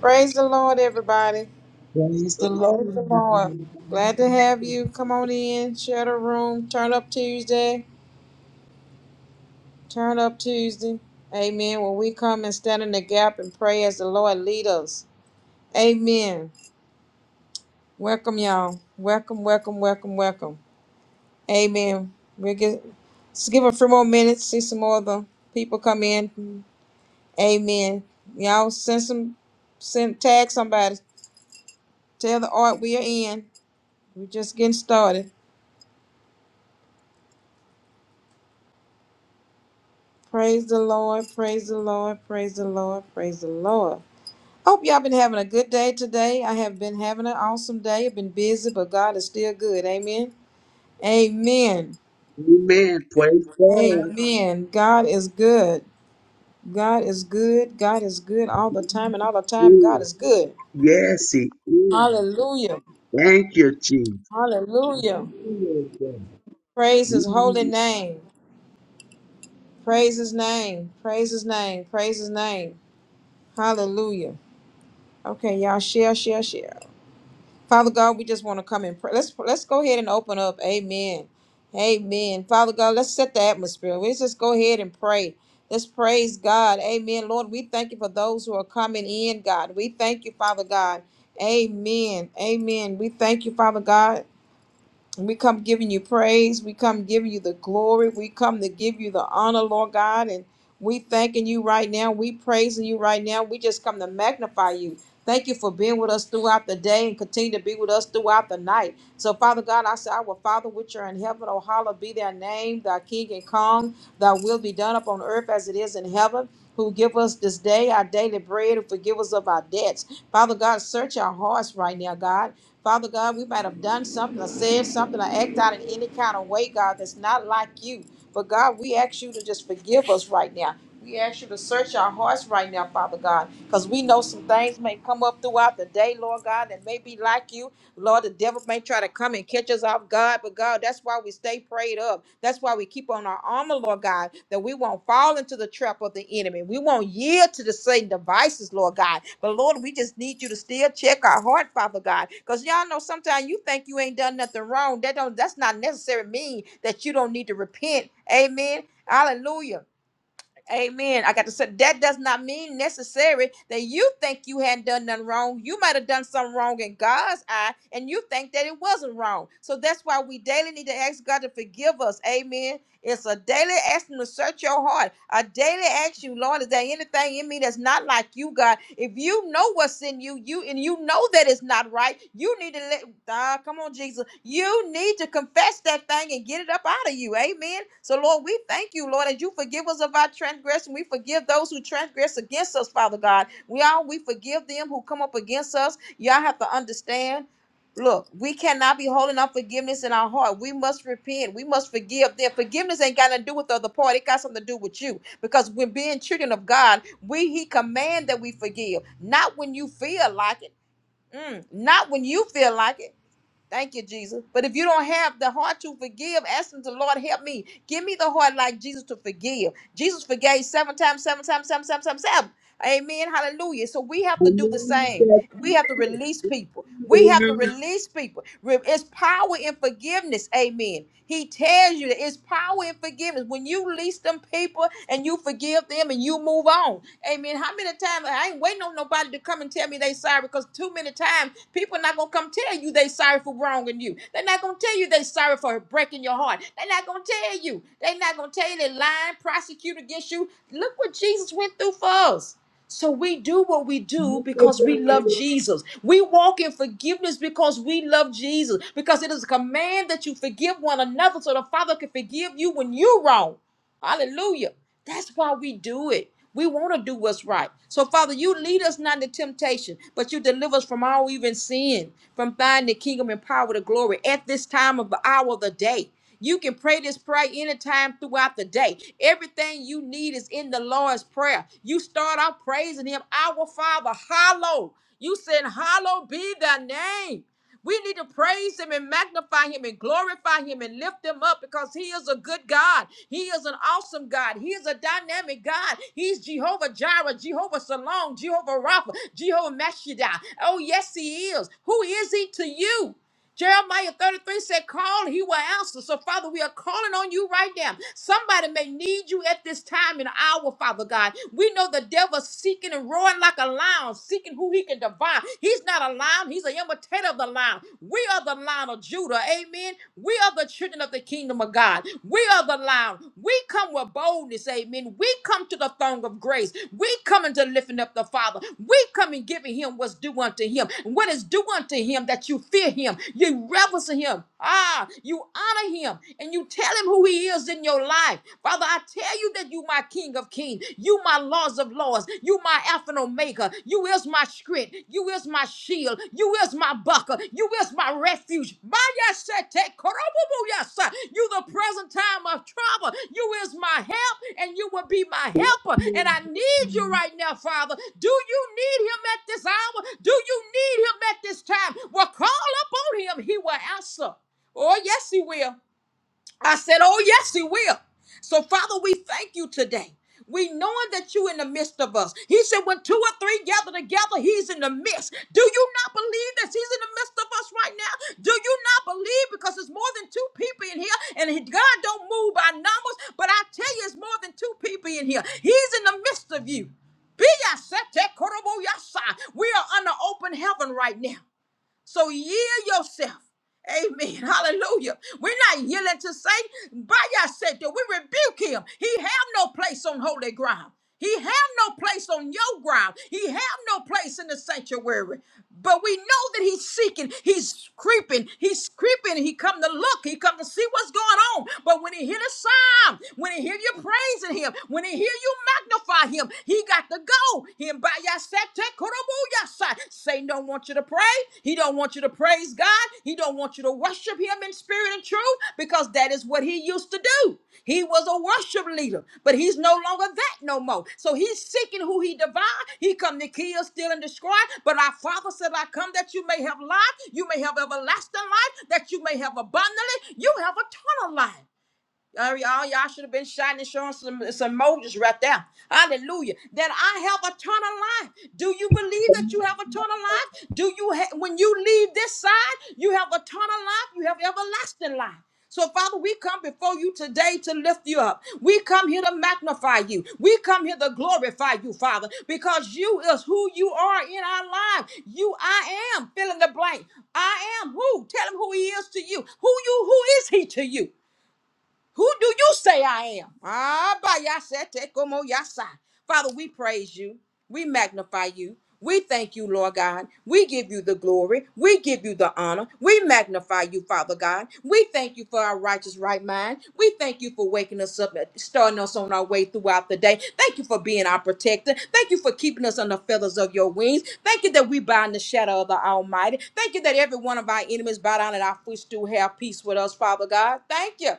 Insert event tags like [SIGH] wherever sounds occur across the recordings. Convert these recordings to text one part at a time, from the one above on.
Praise the Lord, everybody. Praise the Praise Lord, the Lord. Glad to everybody. have you. Come on in, share the room. Turn up Tuesday. Turn up Tuesday. Amen. When we come and stand in the gap and pray as the Lord lead us. Amen. Welcome, y'all. Welcome, welcome, welcome, welcome. Amen. We'll get, let's give a few more minutes, see some more of the people come in. Amen. Y'all send some, send, tag somebody. Tell the art we are in. We're just getting started. Praise the Lord, praise the Lord, praise the Lord, praise the Lord. Hope y'all been having a good day today. I have been having an awesome day. I've been busy, but God is still good. Amen. Amen. Amen. Praise God. Amen. God is good. God is good. God is good all the time, and all the Yes, He time, is. God is good. Yes, He is. Hallelujah. Thank you, Jesus. Glory Hallelujah. God. Praise his holy Mm. name. Praise his name. Praise his name. Praise his name. Hallelujah. Okay, y'all share, share, share. Father God, we just want to come and pray. Let's let's go ahead and open up. Amen. Amen. Father God, let's set the atmosphere. Let's just go ahead and pray. Let's praise God. Amen. Lord, we thank you for those who are coming in, God. We thank you, Father God. Amen. Amen. We thank you, Father God. We come giving you praise. We come giving you the glory. We come to give you the honor, Lord God. And we thanking you right now. We praising you right now. We just come to magnify you. Thank you for being with us throughout the day and continue to be with us throughout the night. So, Father God, I say, Our Father, which are in heaven, O hallowed be thy name, thy King and Kong, thy will be done upon earth as it is in heaven. Who give us this day our daily bread and forgive us of our debts. Father God, search our hearts right now, God. Father God, we might have done something or said something or acted out in any kind of way, God, that's not like you. But God, we ask you to just forgive us right now. We ask you to search our hearts right now, Father God, because we know some things may come up throughout the day, Lord God, that may be like you, Lord, the devil may try to come and catch us off guard, but God, that's why we stay prayed up. That's why we keep on our armor, Lord God, that we won't fall into the trap of the enemy. We won't yield to the Satan devices, Lord God. But Lord, we just need you to still check our heart, Father God. Because y'all know sometimes you think you ain't done nothing wrong. That don't that's not necessarily mean that you don't need to repent. Amen. Hallelujah. Amen. I got to say that does not mean necessary that you think you hadn't done nothing wrong. You might have done something wrong in God's eye, and you think that it wasn't wrong. So that's why we daily need to ask God to forgive us. Amen. It's a daily action to search your heart. A daily action, Lord, is there anything in me that's not like you, God? If you know what's in you, you and you know that it's not right, you need to let ah, come on, Jesus. You need to confess that thing and get it up out of you. Amen. So, Lord, we thank you, Lord, and you forgive us of our transgression. We forgive those who transgress against us, Father God. We all we forgive them who come up against us. Y'all have to understand. Look, we cannot be holding up forgiveness in our heart. We must repent. We must forgive them. Forgiveness ain't got nothing to do with the other part. It got something to do with you. Because when being children of God, we He command that we forgive. Not when you feel like it. Mm, not when you feel like it. Thank you, Jesus. But if you don't have the heart to forgive, ask him to Lord help me. Give me the heart like Jesus to forgive. Jesus forgave seven times, seven times, seven times, seven times. Amen. Hallelujah. So we have to do the Hallelujah. same. That's We have to it. release people. We have to Hallelujah. release people. Re- It's power in forgiveness. Amen. He tells you that it's power in forgiveness. When you release them people and you forgive them and you move on. Amen. How many times I ain't waiting on nobody to come and tell me they sorry because too many times people not gonna come tell you they sorry for wronging you. They're not gonna tell you they sorry for breaking your heart. They're not gonna tell you. They're not gonna tell you they lying, prosecute against you. Look what Jesus went through for us. So we do what we do because Multiply we love it. Jesus. We walk in forgiveness because we love Jesus. Because it is a command that you forgive one another so the Father can forgive you when you're wrong. Hallelujah. That's why we do it. We want to do what's right. So, Father, you lead us not into temptation, but you deliver us from all even sin, from finding the kingdom and power, the glory at this time of the hour of the day. You can pray this prayer anytime throughout the day. Everything you need is in the Lord's Prayer. You start out praising Him, Our Father, hallowed. You said, "Hallowed be thy name. We need to praise him and magnify him and glorify him and lift him up because he is a good God. He is an awesome God. He is a dynamic God. He's Jehovah Jireh, Jehovah Salon, Jehovah Rapha, Jehovah Meshaddai. Oh, yes, he is. Who is he to you? Jeremiah 33 said, Call, he will answer. So, Father, we are calling on you right now. Somebody may need you at this time and hour, Father God. We know the devil's seeking and roaring like a lion, seeking who he can devour. He's not a lion, he's an imitator of the lion. We are the lion of Judah. Amen. We are the children of the kingdom of God. We are the lion. We come with boldness. Amen. We come to the throne of grace. We come into lifting up the Father. We come and giving him what's due unto him. And what is due unto him that you fear him, you reverence him, ah, you honor him, and you tell him who he is in your life. Father, I tell you that you my King of Kings, you my Lords of Lords, you my Alpha and Omega, you is my strength, you is my shield, you is my buckler, you is my refuge. Maya sete korobubu yasa. You the present time of trouble, you is my help and you will be my helper. And Lord. I need you right now, Father. Do you need him at this hour? Do you need him at this time? Well, call upon him. He will answer. Oh, yes, he will. I said, Oh, yes, he will. So, Father, we thank you today. We knowing that you in the midst of us. He said, when two or three gather together, he's in the midst. Do you not believe that he's in the midst of us right now? Do you not believe? Because it's more than two people in here, and he- God don't move by numbers, but I tell you, it's more than two people in here. He's in the midst of you. Be ya set te korobo ya sa. We are under open heaven right now. So yield yourself. Amen. [LAUGHS] Hallelujah. We're not yielding to Satan. By your safety, we rebuke him. He have no place on holy ground. He have no place on your ground. He have no place in the sanctuary. But we know that he's seeking. He's creeping. He's creeping. He come to look. He come to see what's going on. But when he hear the sound, when he hear you praising him, when he hear you magnify him, he got to go. Himbayasete Satan don't want you to pray. He don't want you to praise God. He don't want you to worship him in spirit and truth because that is what he used to do. He was a worship leader, but he's no longer that no more. So he's seeking who he devoured. He come to kill, steal, and destroy. But our Father said, I come that you may have life, you may have everlasting life, that you may have abundantly, you have eternal life. All y'all, y'all should have been shouting and showing some, some emojis right there. Hallelujah. That I have eternal life. Do you believe that you Come have eternal life? Do you, ha- when you leave this side, you have eternal life, you have everlasting life. So, Father, we come before you today to lift you up. We come here to magnify you. We come here to glorify you, Father, because you is who you are in our life. You, I am, fill in the blank. I am who? Tell him who he is to you. Who you, who is he to you? Who do you say I am? Ah, by Yasete como yasa. Father, we praise you. We magnify you. We thank you, Lord God. We give you the glory. We give you the honor. We magnify you, Father God. We thank you for our righteous right mind. We thank you for waking us up, starting us on our way throughout the day. Thank you for being our protector. Thank you for keeping us on the feathers of your wings. Thank you that we bow in the shadow of the Almighty. Thank you that every one of our enemies bow down at our footstool, have peace with us, Father God. Thank you.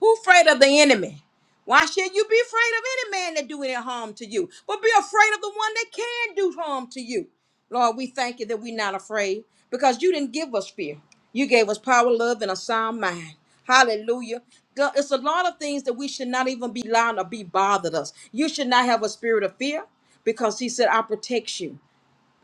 Who afraid of the enemy? Why should you be afraid of any man that do any harm to you? But be afraid of the one that can do harm to you. Lord, we thank you that we're not afraid because you didn't give us fear. You gave us power, love, and a sound mind. Hallelujah. God, It's a lot of things that we should not even be allowed to be bothered us. You should not have a spirit of fear because he said, I protect you.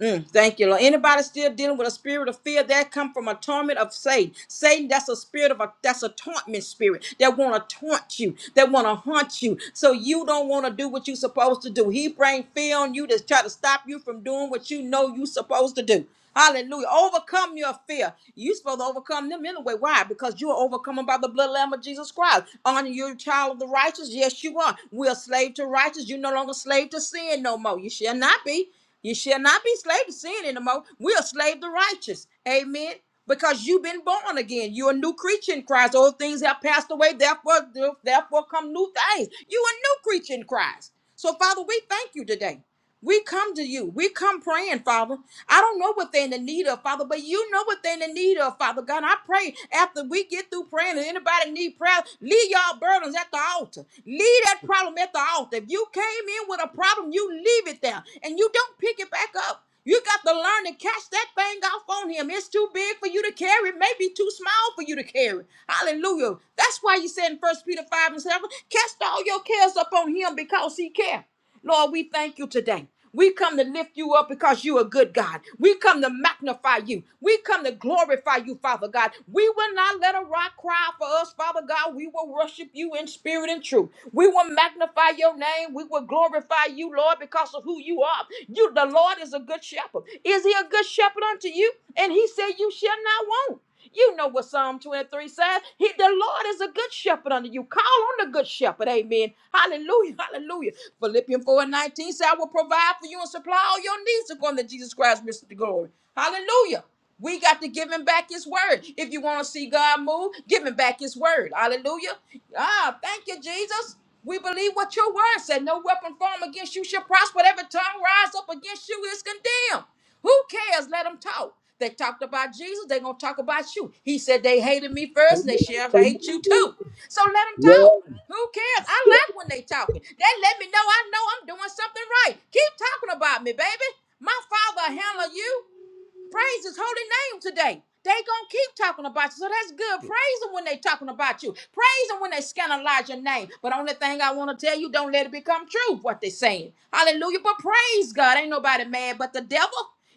Mm, thank you, Lord. Anybody still dealing with a spirit of fear that come from a torment of Satan? Satan, that's a spirit of a that's a torment spirit that want to taunt you, that want to haunt you, so you don't want to do what you're supposed to do. He bring fear on you to try to stop you from doing what you know you're supposed to do. Hallelujah. Overcome your fear. you supposed to overcome them anyway. Why? Because you are overcome by the blood lamb of Jesus Christ. Aren't you a child of the righteous? Yes, you are. We're a slave to righteous. You're no longer slave to sin no more. You shall not be. You shall not be slave to sin anymore. We are slave to righteous. Amen. Because you've been born again. You're a new creature in Christ. Old things have passed away. Therefore, therefore come new things. you a new creature in Christ. So, Father, we thank you today. We come to you. We come praying, Father. I don't know what they're in the need of, Father, but you know what they're in the need of, Father God. I pray after we get through praying, if anybody need prayer, leave y'all burdens at the altar. Leave that problem at the altar. If you came in with a problem, you leave it there and you don't pick it back up. You got to learn to catch that thing off on him. It's too big for you to carry, maybe too small for you to carry. Hallelujah. That's why you said in First Peter 5 and 7, cast all your cares upon him because he cares. Lord, we thank you today. We come to lift you up because you're a good God. We come to magnify you. We come to glorify you, Father God. We will not let a rock cry for us, Father God. We will worship you in spirit and truth. We will magnify magnify your name. We will glorify you, Lord, because of who you are. You, the Lord, is a good shepherd. Is he a good shepherd unto you? And he said, You shall not want. You know what Psalm 23 says. He, the Lord is a good shepherd unto you. Call on the good shepherd. Amen. Hallelujah. [LAUGHS] Hallelujah. Philippians 4 and 19 says, I will provide for you and supply all your needs according to Jesus Christ, Mr. Glory. Hallelujah. We got to give him back his word. If you want to see God move, give him back his word. Hallelujah. Ah, thank you, Jesus. We believe what your word said. No weapon formed against you shall prosper. Every tongue rise up against you is condemned. Who cares? Let them talk. They talked about Jesus. They're going to talk about you. He said they hated me on, first and they shall hate you come too. on, So let come on. them Yeah. talk. Who cares? I That's it. like when they talking. They let me know I know I'm doing something right. Keep talking about me, baby. My father handle you. Praise his holy name today. They gonna keep talking about you. So that's good. Praise him when they talking about you. Praise him when they scandalize your name. But only thing I want to tell you, don't let it become true what they saying. Hallelujah. But praise God. Ain't nobody mad but the devil.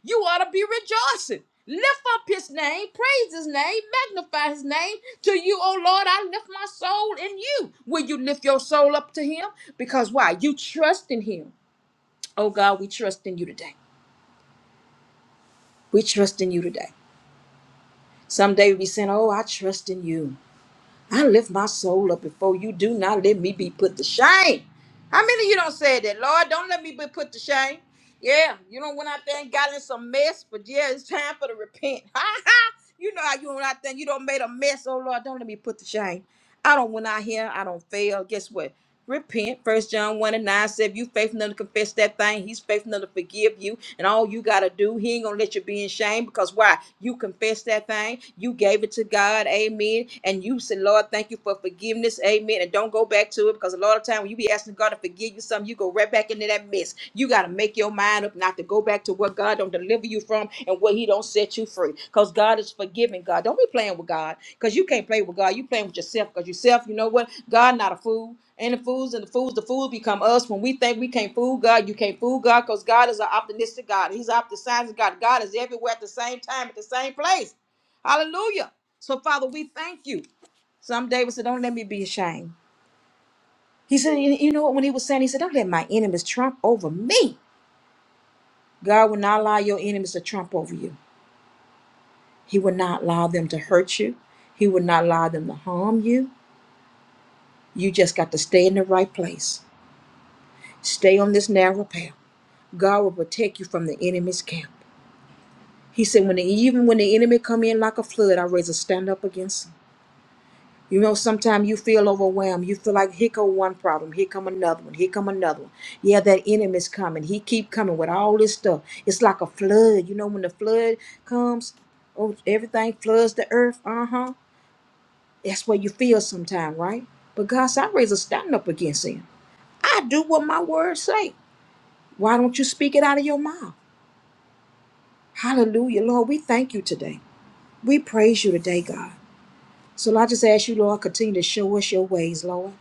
You ought to be rejoicing. Lift up his name, praise his name, magnify his name to you, oh Lord. I lift my soul in you. Will you lift your soul up to him? Because why? You trust in him. Oh God, we trust in you today. We trust in you today. Someday we be saying, Oh, I trust in you. I lift my soul up before you. Do not let me be put to shame. How many of you don't say that? Lord, don't let me be put to shame. Yeah, you don't went out there and got in some mess, but yeah, it's time for the repent. [LAUGHS] Ha ha! You know how you went out there, and you don't made a mess. Oh Lord, don't let me put to shame. I don't went out here, I don't fail. Guess what? repent. First John 1 and 9 said, if you faithful enough to confess that thing, he's faithful enough to forgive you. And all you got to do, he ain't going to let you be in shame because why? You confess that thing. You gave it to God. Amen. And you said, Lord, thank you for forgiveness. Amen. And don't go back to it because a lot of time when you be asking God to forgive you something, you go right back into that mess. You got to make your mind up not to go back to what God don't deliver you from and what he don't set you free because God is forgiving God. Don't be playing with God because you can't play with God. You playing with yourself because yourself, you know what? God not a fool. And the fools and the fools, the fools become us when we think we can't fool God. You can't fool God because God is an optimistic God. He's an optimistic God. God is everywhere at the same time, at the same place. Hallelujah. So, Father, we thank you. Some David said, Don't let me be ashamed. He said, You you know what? When he was saying, He said, Don't let my enemies trump over me. God will not allow your enemies to trump over you. He will not allow them to hurt you. He will not allow them to harm you. You just got to stay in the right place. Stay on this narrow path. God will protect you from the enemy's camp. He said, when the, even when the enemy come in like a flood, I raise a stand up against him. You know, sometimes you feel overwhelmed. You feel like here come one problem, here come another one, here come another one. Yeah, that enemy's coming. He keep coming with all this stuff. It's like a flood. You know, when the flood comes, oh, everything floods the earth. Uh huh. That's what you feel sometimes, right? But God said, I raise a stand up against him. I do what my words say. Why don't you speak it out of your mouth? Hallelujah, Lord. We thank you today. We praise you today, God. So I just ask you, Lord, continue to show us your ways, Lord.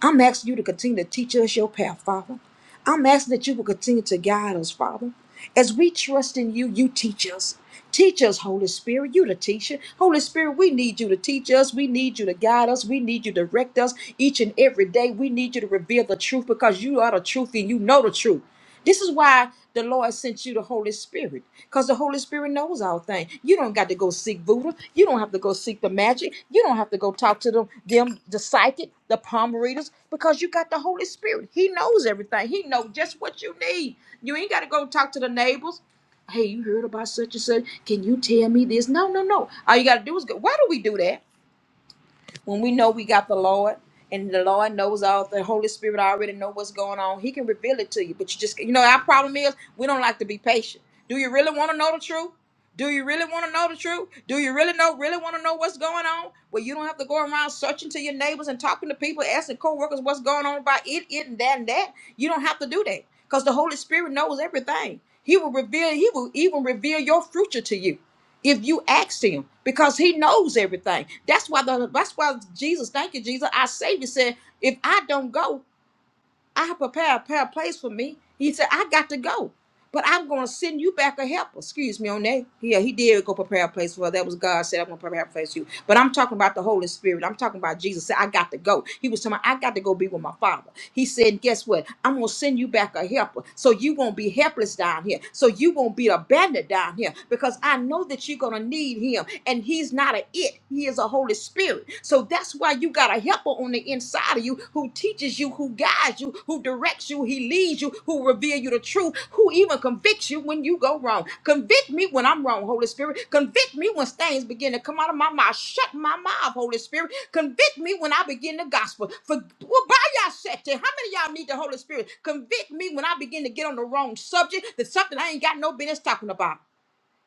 I'm asking you to continue to teach us your path, Father. I'm asking that you will continue to guide us, Father. As we trust in you, you teach us. Teach us, Holy Spirit. You the teacher. Holy Spirit, we need you to teach us. We need you to guide us. We need you to direct us each and every day. We need you to reveal the truth because you are the truth and you know the truth. This is why the Lord sent you the Holy Spirit, because the Holy Spirit knows all things. You don't got to go seek voodoo. You don't have to go seek the magic. You don't have to go talk to them, them the psychic, the palm readers, because you got the Holy Spirit. He knows everything. He knows just what you need. You ain't got to go talk to the neighbors. Hey, you heard about such and such? Can you tell me this? No, no, no. All you got to do is go. Why do we do that? When we know we got the Lord and the Lord knows all the Holy Spirit already know what's going on, He can reveal it to you. But you just you know our problem is we don't like to be patient. Do you really want to know the truth? Do you really want to know the truth? Do you really know really want to know what's going on? Well, you don't have to go around searching to your neighbors and talking to people, asking coworkers what's going on about it, it, and that and that. You don't have to do that because the Holy Spirit knows everything. He will reveal. He will even reveal your future to you if you ask him because he knows everything that's why the that's why jesus thank you jesus our savior said if i don't go I prepare a prepare a place for me. He said, I got to go. But I'm gonna send you back a helper. Excuse me on that. Yeah, he did go prepare a place for her. That was God said, I'm gonna prepare a place for you. But I'm talking about the Holy Spirit. I'm talking about Jesus said, I got to go. He was telling me, I got to go be with my father. He said, Guess what? I'm gonna send you back a helper. So you won't be helpless down here. So you won't be abandoned down here because I know that you're gonna need him. And he's not an it, he is a Holy Spirit. So that's why you gotta helper on the inside of you who teaches you, who guides you, who directs you, he leads you, who reveal you the truth, who even convicts you when you go wrong. Convict me when I'm wrong, Holy Spirit. Convict me when things begin to come out of my mouth. Shut my mouth, Holy Spirit. Convict me when I begin the gospel. For well, by y'all shut it. how many of y'all need the Holy Spirit? Convict me when I begin to get on the wrong subject that's something I ain't got no business talking about.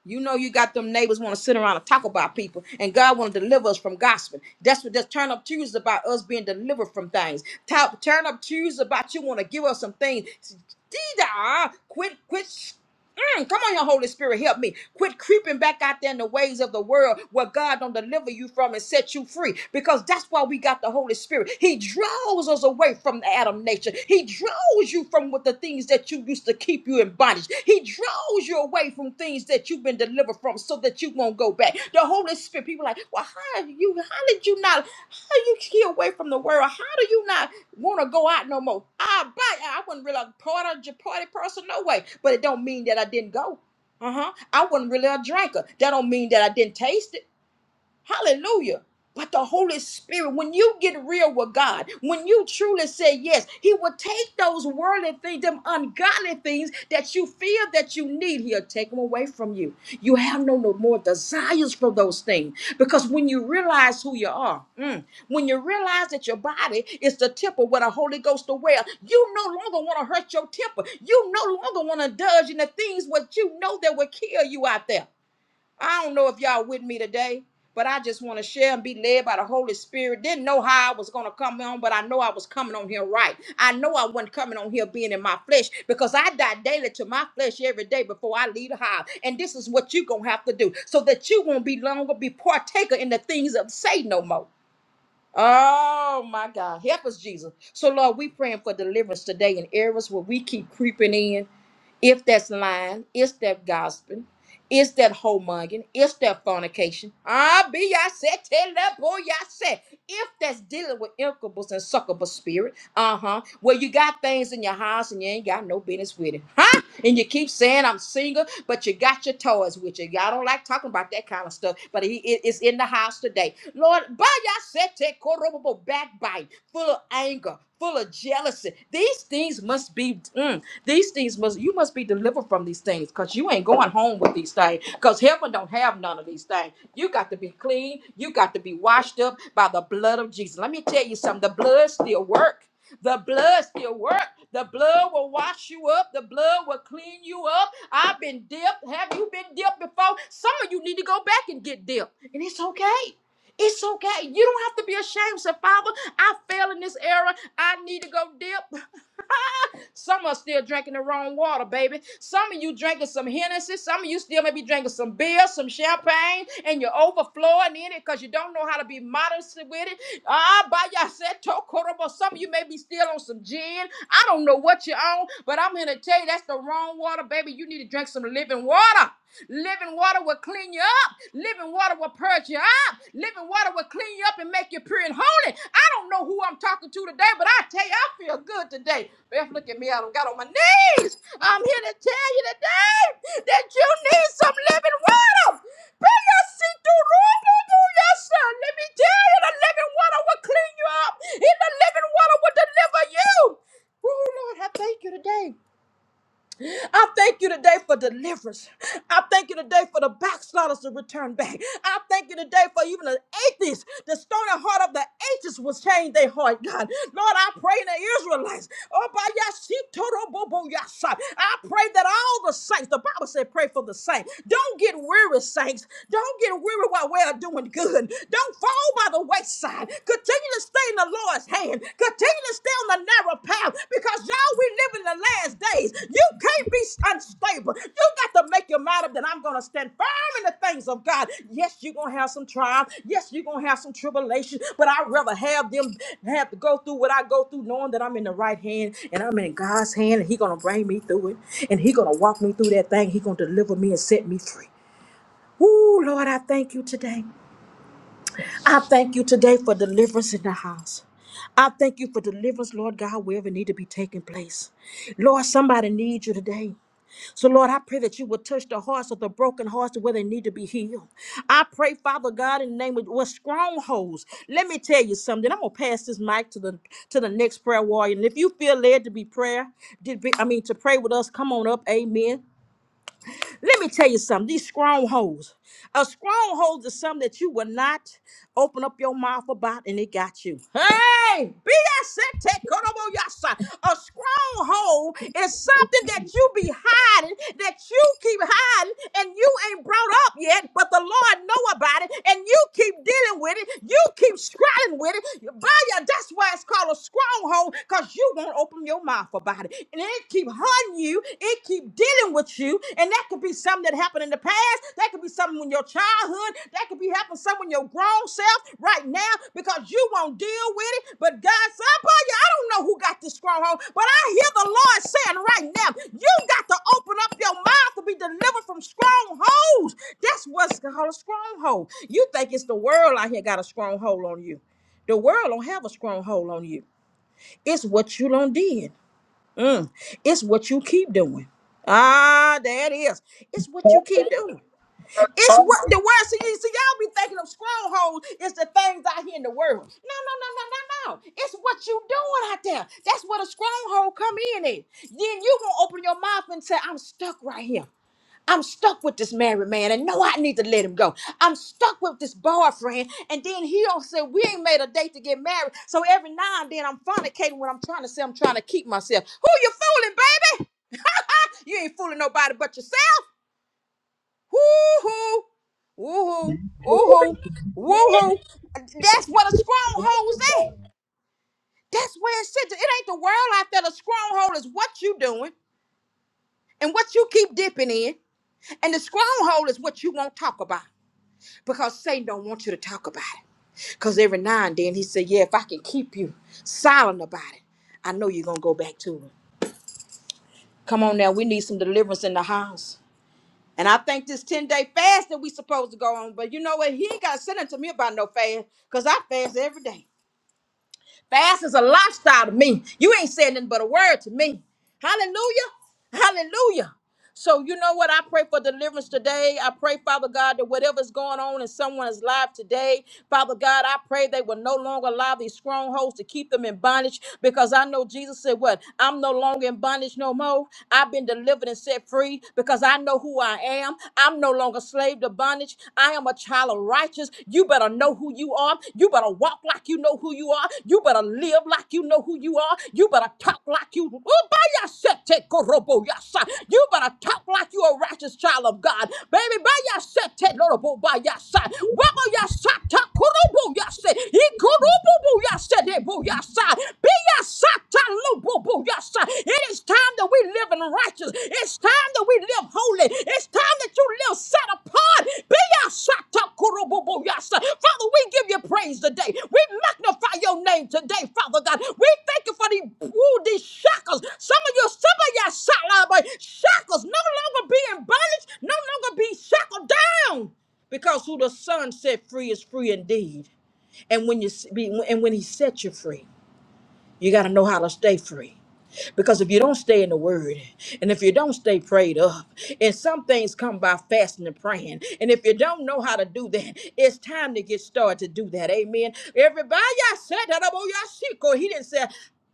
You know you got them neighbors want to sit around and talk about people, and God want to deliver us from gossiping. That's what that turn up Tuesday is about us being delivered from things. Talk, turn up Tuesday is about you want to give us some things. Dida, quit, quit. Mm, come on, your Holy Spirit, help me. Quit creeping back out there in the ways of the world where God don't deliver you from and set you free. Because that's why we got the Holy Spirit. He draws us away from the Adam nature. He draws you from what the things that you used to keep you in bondage. He draws you away from things that you've been delivered from, so that you won't go back. The Holy Spirit. People are like, well, how are you? How did you not? How you get away from the world? How do you not? want to go out no more. I buy. I wasn't really a party, party person, no way. But it don't mean that I didn't go. Uh huh. I wasn't really a drinker. That don't mean that I didn't taste it. Hallelujah. But the Holy Spirit, when you get real with God, when you truly say yes, He will take those worldly things, them ungodly things that you feel that you need, He'll take them away from you. You have no, no more desires for those things. Because when you realize who you are, mm, when you realize that your body is the temple where the Holy Ghost dwells, you no longer want to hurt your temper. You no longer want to indulge in the things what you know that will kill you out there. I don't know if y'all with me today, but I just want to share and be led by the Holy Spirit. Didn't know how I was going to come on, but I know I was coming on here right. I know I wasn't coming on here being in my flesh because I die daily to my flesh every day before I leave the house. And this is what you're going to have to do so that you won't be longer be partaker in the things of Satan no more. Oh my God. Help us, Jesus. So, Lord, we praying for deliverance today in areas where we keep creeping in. If that's lying, is that gossiping, is that homemugging, is that fornication, ah, be I said, tell that boy I said. If that's dealing with incubus and succubus spirit, uh huh, well, you got things in your house and you ain't got no business with it, huh? And you keep saying I'm single, but you got your toys with you. Y'all don't like talking about that kind of stuff, but he it is in the house today. Lord, by sete korobobo backbite, full of anger, full of jealousy. These things must be mm, these things must you must be delivered from these things because you ain't going home with these things. Because heaven don't have none of these things. You got to be clean, you got to be washed up by the blood of Jesus. Let me tell you something, the blood still works. The blood still works. The blood will wash you up. The blood will clean you up. I've been dipped. Have you been dipped before? Some of you need to go back and get dipped. And it's okay. It's okay. You don't have to be ashamed. Say, Father, I fell in this era. I need to go dip. [LAUGHS] Some are still drinking the wrong water, baby. Some of you drinking some Hennessy. Some of you still may be drinking some beer, some champagne, and you're overflowing in it because you don't know how to be modest with it. Ah, by yourself, some of you may be still on some gin. I don't know what you're on, but I'm here to tell you that's the wrong water, baby. You need to drink some living water. Living water will clean you up. Living water will purge you Living water will clean you up and make you pure and holy. I don't know who I'm talking to today, but I tell you, I feel good today. Beth, look at me. I don't got on my knees. I'm here to tell you today that you need some living water. Pedacito robo buyasa. Let me tell you, the living water will clean you up. And the living water will deliver you. Oh, Lord, I thank you today. I thank you today for deliverance. I thank you today for the backsliders to return back. I thank you today for even the atheists. The stony heart of the atheists was changed their heart, God. Lord, I pray in the Israelites. Oh, by Yasitoroboboyasa. I pray that all the saints, the Bible said, pray for the saints. Don't get weary, saints. Don't get weary while we're doing good. Don't fall by the wayside. Continue to in the Lord's hand. Continue to stay on the narrow path because y'all, we live in the last days. You can't be unstable. You got to make your mind up that I'm going to stand firm in the things of God. Yes, you're going to have some trials. Yes, you're going to have some tribulation, but I'd rather have them have to go through what I go through knowing that I'm in the right hand and I'm in God's hand and He's going to bring me through it and He's going to walk me through that thing. He's going to deliver me and set me free. Woo, Lord, I thank you today. I thank you today for deliverance in the house. I thank you for deliverance, Lord God, wherever need to be taking place. Lord, somebody needs you today. So, Lord, I pray that you will touch the hearts of the broken hearts to where they need to be healed. I pray, Father God, in the name of what strongholds. Let me tell you something. I'm gonna pass this mic to the to the next prayer warrior. And if you feel led to be prayer, did be, I mean to pray with us, come on up. Amen. Let me tell you something. These strongholds. A stronghold is something that you will not open up your mouth about and it got you. Hey! be that set, take cut up on your BSETEKOROBOYASA. A stronghold is something that you be hiding, that you keep hiding, and you ain't brought up yet, but the Lord know about it, and you keep dealing with it. You keep struggling with it. By your, that's why it's called a stronghold, because you won't open your mouth about it, and it keep hunting you, it keep dealing with you, and that could be something that happened in the past, that could be something in your childhood, that could be happening somewhere in your grown self right now because you won't deal with it. But God, somebody, I don't know who got this stronghold, but I hear the Lord saying right now, you got to open up your mouth to be delivered from strongholds. That's what's called a stronghold. You think it's the world out here got a stronghold on you. The world don't have a stronghold on you. It's what you done did. Mm. It's what you keep doing. Ah, there it is. It's what you Talk keep doing. about, It's talk about, what the world see. you- See, y'all be thinking of strongholds. It's the things out here in the world. No, no, no, no, no, no. It's what you doing out there. That's where the stronghold come in at. Then you gonna open your mouth and say, "I'm stuck right here. I'm stuck with this married man and know I need to let him go. I'm stuck with this boyfriend. And then he don't say, we ain't made a date to get married. So every now and then I'm fornicating when I'm trying to say I'm trying to keep myself. Who you fooling, baby? [LAUGHS] you ain't fooling nobody but yourself. Woo-hoo. Woo-hoo. Woo-hoo. talk Woo-hoo. That's what a stronghold's at. about. That's where it sits. It ain't the world out there. The stronghold is what you doing and what you keep dipping in. And the stronghold is what you won't talk about. because Satan don't want you to talk about it. Because every now and then he said, Yeah, if I can keep you silent about it, I know you're gonna go back to it. Come on now, we need some deliverance in the house. And I think this 10 day fast that we supposed to go on, but you know what? He ain't got to send it to me about no fast because I fast every day. Fast is a lifestyle to me. You ain't saying nothing but a word to me. Hallelujah. Hallelujah. So, you know what? I pray for deliverance today. I pray, Father God, that whatever's going on in someone's life today, Father God, I pray they will no longer allow these strongholds to keep them in bondage because I know Jesus said, What? I'm no longer in bondage no more. I've been delivered and set free because I know who I am. I'm no longer slave to bondage. I am a child of righteous. You better know who you are. You better better walk like you know who you are. You better live like you know who you are. You better talk like you. Oh, by your shit, take korobo, your son. You better talk like you're a righteous child of God. Baby, by your shit, take korobo, by your side. Wabba, your side, talk korobo, your side. He korobo, your side, they bo, your side. Be your side, talk lo, bo, your side. It is time that we live in righteous. It's time that we live holy. It's time that you live set apart. Be Yeyashatakurububuyasa. Father, we give you praise today. We magnify your name today, Father God. We thank you for the, ooh, these shackles. Some of you, some of your salaba shackles no longer being bondage, no longer be shackled down. Because who the Son set free is free indeed. And when you be, and when He set you free. You got to know how to stay free. Because if you don't stay in the word, and if you don't stay prayed up, and some things come by fasting and praying, and if you don't know how to do that, it's time to get started to do that. Amen. Everybody, I said that about Yashiko. He didn't say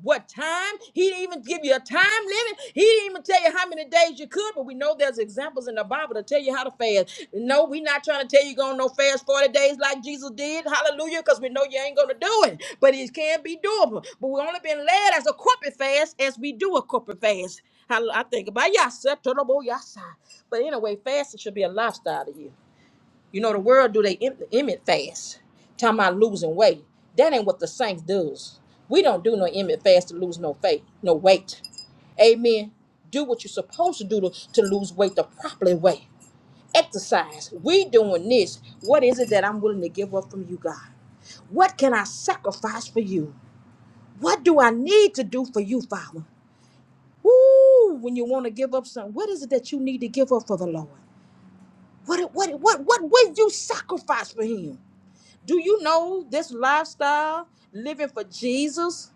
what time. He didn't even give you a time limit. He didn't even tell you how many days you could, but we know there's examples in the Bible to tell you how to fast. No, we're not trying to tell you going to no fast 40 days like Jesus did. Hallelujah, because we know you ain't going to do it. But it can be doable. But we only been led as a corporate fast as we do a corporate fast. I, I think about yasa, turnobo yasa. But anyway, fasting should be a lifestyle to you. You know, the world do they em- Emmett fast, talking about losing weight. That ain't what the saints does. We don't do no Emmett fast to lose no faith, no weight. Amen. Do what you're supposed to do to, to lose weight the proper way. Exercise. We doing this. What is it that I'm willing to give up from you, God? What can I sacrifice for you? What do I need to do for you, Father? Woo! When you want to give up something, what is it that you need to give up for the Lord? What what what what will you sacrifice for him? Do you know this lifestyle, living for Jesus,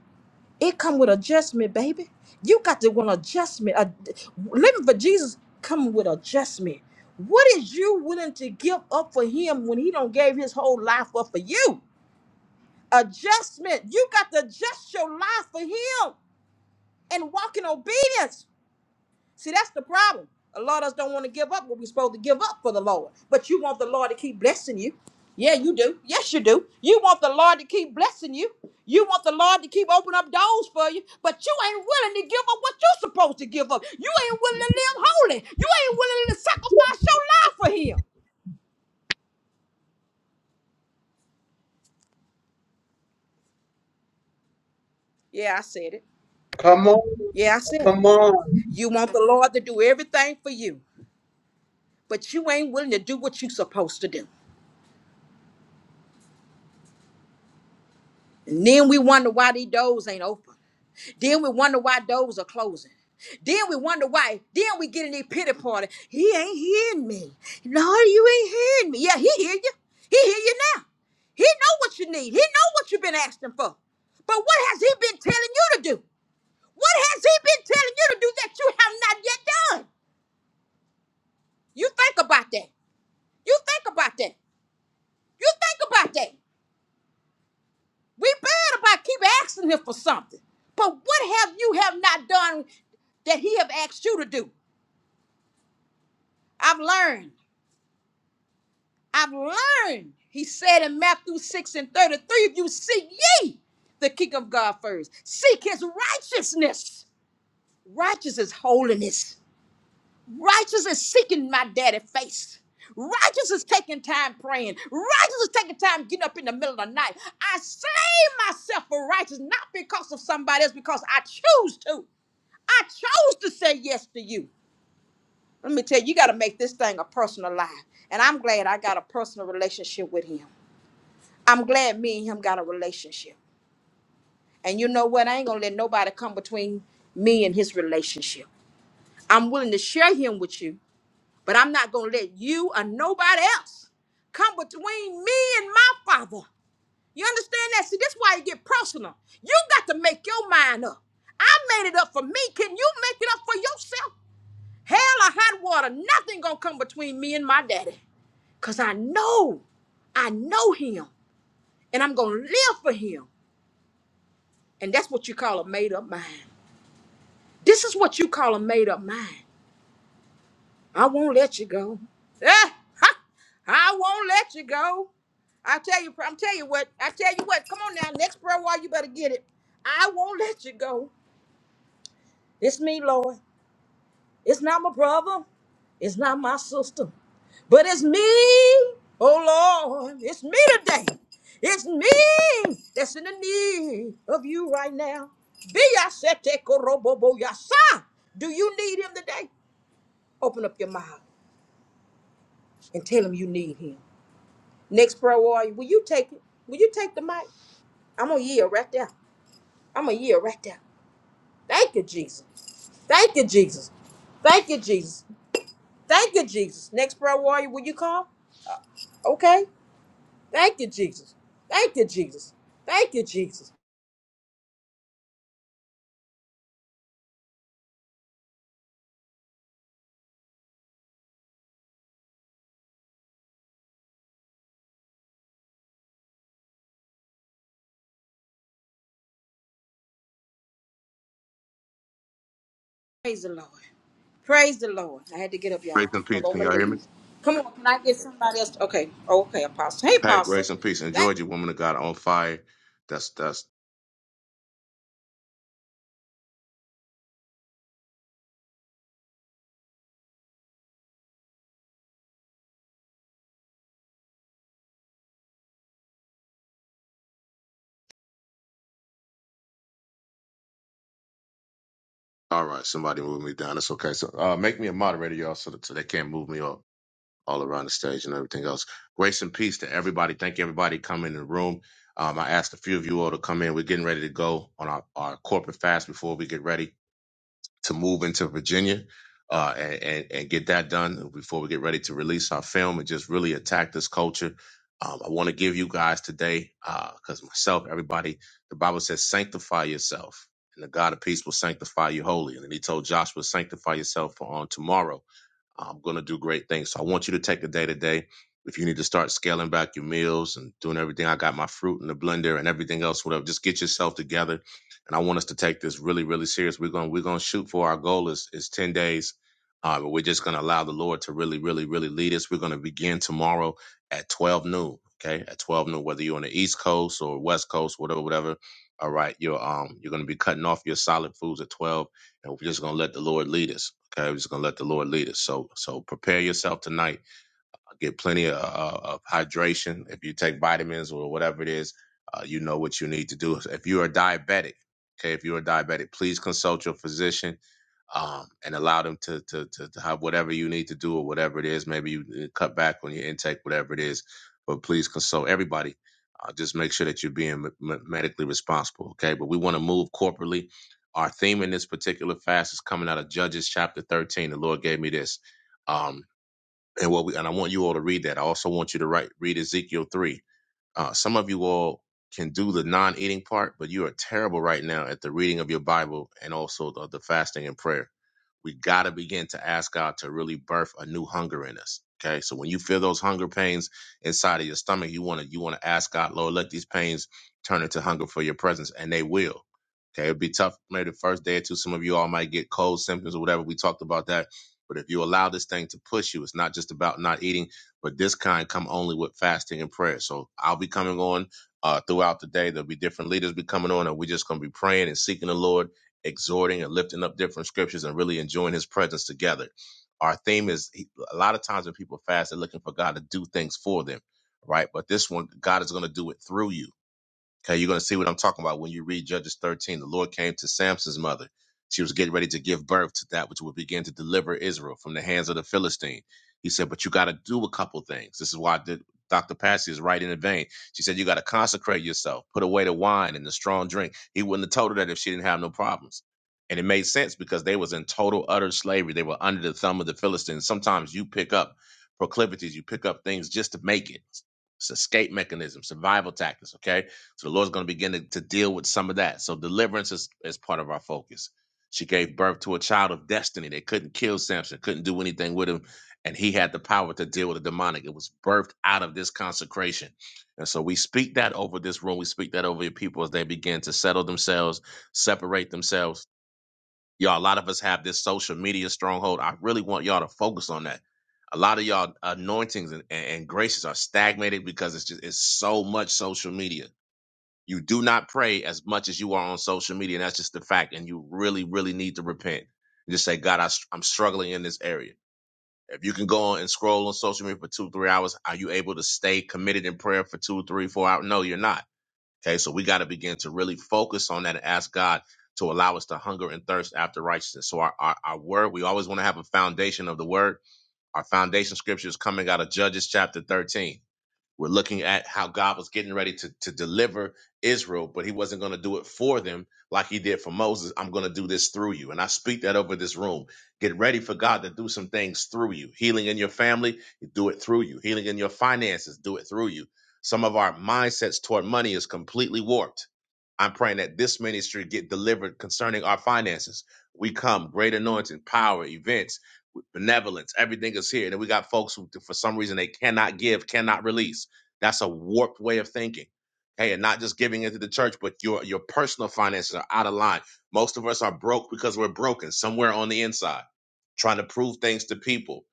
it come with adjustment, baby. You got to want adjustment. Uh, living for Jesus come with adjustment. What is you willing to give up for him when he don't gave his whole life up for you? Adjustment. You got to adjust your life for him and walk in obedience. See, that's the problem. A lot of us don't want to give up what we're supposed to give up for the Lord. But you want the Lord to keep blessing you. Yeah, you do. Yes, you do. You want the Lord to keep blessing you. You want the Lord to keep opening up doors for you. But you ain't willing to give up what you're supposed to give up. You ain't willing to live holy. You ain't willing to sacrifice your life for Him. Yeah, I said it. Come on, Yeah, I said it. come on. You want the Lord to do everything for you, but you ain't willing to do what you're supposed to do. And then we wonder why these doors ain't open. Then we wonder why doors are closing. Then we wonder why. Then we get in the pity party. He ain't hearing me. No, you ain't hearing me. Yeah, he hear you. He hear you now. He know what you need. He know what you've been asking for. But what has he been telling you to do? What has he been telling you to do that you have not yet done? You think about that. You think about that. You think about that. We bad about keep asking him for something. But what have you have not done that he have asked you to do? I've learned. I've learned. He said in Matthew 6 and 33, if you seek ye the kingdom of God first, seek his righteousness. Righteous is holiness. Righteous is seeking my daddy face. Righteous is taking time praying. Righteous is taking time getting up in the middle of the night. I save myself for righteous, not because of somebody else, because I choose to. I chose to say yes to you. Let me tell you, you got to make this thing a personal life. And I'm glad I got a personal relationship with him. I'm glad me and him got a relationship. And you know what? I ain't going to let nobody come between me and his relationship. I'm willing to share him with you, but I'm not going to let you or nobody else come between me and my father. You understand that? See, that's why you get personal. You got to make your mind up. I made it up for me. Can you make it up for yourself? Hell or hot water, nothing gonna come between me and my daddy. Cause I know, I know him, and I'm gonna live for him. And that's what you call a made up mind. This is what you call a made up mind. I won't let you go. Eh, ha, I won't let you go. I tell you, I'm tell you what, I tell you what, come on now, next prayer while you better get it. I won't let you go. It's me, Lord. It's not my brother. It's not my sister. But it's me. Oh Lord, it's me today. It's me that's in the need of you right now. Be yasete korobobo yasa. Do you need him today? Open up your mouth and tell him you need him. Next prayer warrior, will you take it? Will you take the mic? I'm a year right there. I'm a year right there. Thank you, Jesus. Thank you, Jesus. Thank you, Jesus. Thank you, Jesus. Next prayer warrior, will you call? Okay. Thank you, Jesus. Thank you, Jesus. Thank you, Jesus. Praise the Lord. Praise the Lord. I had to get up, Grace y'all. and Hold peace. on Can my y'all hear me? knees. Come on, can I get somebody else? Okay. Okay, Apostle. Hey, Hey, Apostle. grace and peace. Thank Enjoyed you, woman of God on fire. That's that's all right. Somebody move me down. That's okay. So uh, make me a moderator, y'all, so that so they can't move me all, all around the stage and everything else. Grace and peace to everybody. Thank you, everybody coming in the room. Um, I asked a few of you all to come in. We're getting ready to go on our, our corporate fast before we get ready. to move into Virginia uh, and, and and get that done before we get ready to release our film and just really attack this culture. Um, I want to give you guys today because myself, everybody, the Bible says, sanctify yourself, and the God of peace will sanctify you wholly. And then He told Joshua, sanctify yourself for on tomorrow. I'm going to do great things. So I want you to take the day to day. If you need to start scaling back your meals and doing everything, I got my fruit in the blender and everything else, whatever. Just get yourself together. And I want us to take this really, really serious. We're going, we're going to shoot for our goal is, is 10 days. Uh, but we're just going to allow the Lord to really, really, really lead us. We're going to begin tomorrow at 12 noon. Okay. At 12 noon, whether you're on the East coast or West coast, whatever, whatever. All right. You're, um, you're going to be cutting off your solid foods at 12 and we're just gonna let the Lord lead us. Okay, we're just gonna let the Lord lead us. So so prepare yourself tonight. Get plenty of, uh, of hydration. If you take vitamins or whatever it is, uh, you know what you need to do. If you are diabetic, okay, if you are diabetic, please consult your physician um, and allow them to, to to to have whatever you need to do or whatever it is. Maybe you uh, cut back on your intake, whatever it is. But please consult everybody. Uh, just make sure that you're being me- me- medically responsible, okay? But we want to move corporately. Our theme in this particular fast is coming out of Judges chapter 13. The Lord gave me this, um, and what we and I want you all to read that. I also want you to write read Ezekiel 3 uh, some of you all can do the non-eating part, but you are terrible right now at the reading of your Bible and also the, the fasting and prayer. We got to begin to ask God to really birth a new hunger in us. Okay, so when you feel those hunger pains inside of your stomach, you want to you want to ask God, Lord, let these pains turn into hunger for your presence, and they will. Okay, it will be tough maybe the first day or two. Some of you all might get cold symptoms or whatever. We talked about that, but if you allow this thing to push you, it's not just about not eating but this kind come only with fasting and prayer. So I'll be coming on uh, throughout the day. There'll be different leaders be coming on, and we're just going to be praying and seeking the Lord, exhorting and lifting up different scriptures, and really enjoying His presence together. Our theme is a lot of times when people fast, they're looking for God to do things for them, right? But this one, God is going to do it through you Okay, you're going to see what I'm talking about when you read Judges 13. The Lord came to Samson's mother. She was getting ready to give birth to that which would begin to deliver Israel from the hands of the Philistine. He said, But you got to do a couple things. This is why the- Dr. Passy is right in the vein. She said, You got to consecrate yourself, put away the wine and the strong drink. He wouldn't have told her that if she didn't have no problems. And it made sense because they was in total utter slavery. They were under the thumb of the Philistines. Sometimes you pick up proclivities, you pick up things just to make it. It's escape mechanism, survival tactics, okay? So the Lord's going to begin to, to deal with some of that. So deliverance is, is part of our focus. She gave birth to a child of destiny. They couldn't kill Samson, couldn't do anything with him, and he had the power to deal with the demonic. It was birthed out of this consecration. And so we speak that over this room. We speak that over your people as they begin to settle themselves, separate themselves. Y'all, a lot of us have this social media stronghold. I really want y'all to focus on that. A lot of y'all anointings and, and, and graces are stagnated because it's just it's so much social media you do not pray as much as you are on social media. And that's just the fact. And you really, really need to repent and just say, God, I, I'm struggling in this area. If you can go on and scroll on social media for two, three hours, are you able to stay committed in prayer for two, three, four hours? No, you're not. Okay. So we got to begin to really focus on that and ask God to allow us to hunger and thirst after righteousness. So our, our, our word, we always want to have a foundation of the word. Our foundation scripture is coming out of Judges chapter 13 we're looking at how God was getting ready to, to deliver Israel, but he wasn't going to do it for them like he did for Moses. I'm going to do this through you. And I speak that over this room. Get ready for God to do some things through you. Healing in your family, do it through you. Healing in your finances, do it through you. Some of our mindsets toward money is completely warped. I'm praying that this ministry get delivered concerning our finances. We come, great anointing, power, events with benevolence. Everything is here. Then we got folks who, for some reason, they cannot give, cannot release. That's a warped way of thinking. Hey, and not just giving into the church, but your your personal finances are out of line. Most of us are broke because we're broken somewhere on the inside, trying to prove things to people,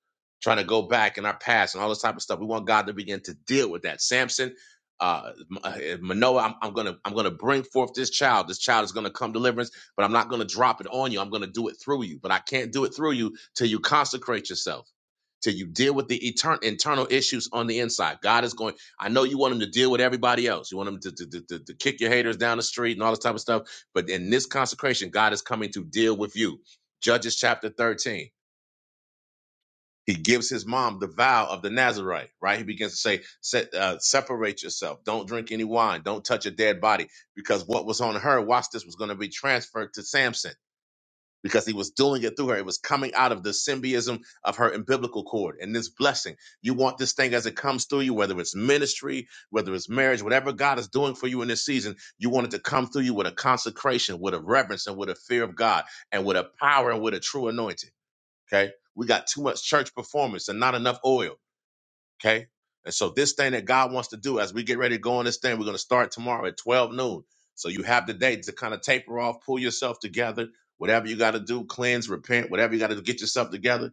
trying to go back in our past and all this type of stuff. We want God to begin to deal with that. Samson, uh, uh, Manoah, I'm, I'm gonna I'm gonna bring forth this child. This child is gonna come deliverance but I'm not going to drop it on you. I'm going to do it through you, but I can't do it through you till you consecrate yourself, till you deal with the etern- internal issues on the inside. God is going, I know you want him to deal with everybody else. You want him to, to, to, to, to kick your haters down the street and all this type of stuff. But in this consecration, God is coming to deal with you. Judges chapter 13. He gives his mom the vow of the Nazarite, right? He begins to say, "Set- uh, separate yourself. Don't drink any wine. Don't touch a dead body. Because what was on her, watch this, was going to be transferred to Samson because he was doing it through her. It was coming out of the symbiotism of her umbilical cord and this blessing. You want this thing as it comes through you, whether it's ministry, whether it's marriage, whatever God is doing for you in this season, you want it to come through you with a consecration, with a reverence, and with a fear of God, and with a power and with a true anointing. Okay? We got too much church performance and not enough oil. Okay. And so this thing that God wants to do as we get ready to go on this thing, we're going to start tomorrow at 12 noon. So you have the day to kind of taper off, pull yourself together, whatever you got to do, cleanse, repent, whatever you got to do, get yourself together.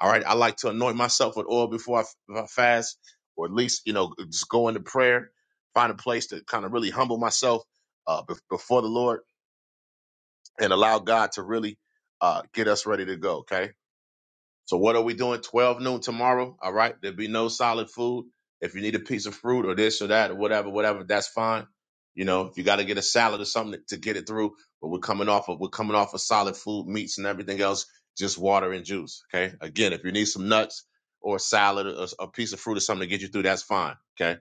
All right. I like to anoint myself with oil before I, f- I fast, or at least, you know, just go into prayer, find a place to kind of really humble myself uh, bef- before the Lord and allow God to really uh, get us ready to go. Okay. So what are we doing? 12 noon tomorrow. All right. There'll be no solid food. If you need a piece of fruit or this or that or whatever, whatever, that's fine. You know, if you got to get a salad or something to get it through, but we're coming off of, we're coming off of solid food, meats and everything else, just water and juice. Okay. Again, if you need some nuts or salad or a piece of fruit or something to get you through, that's fine. Okay.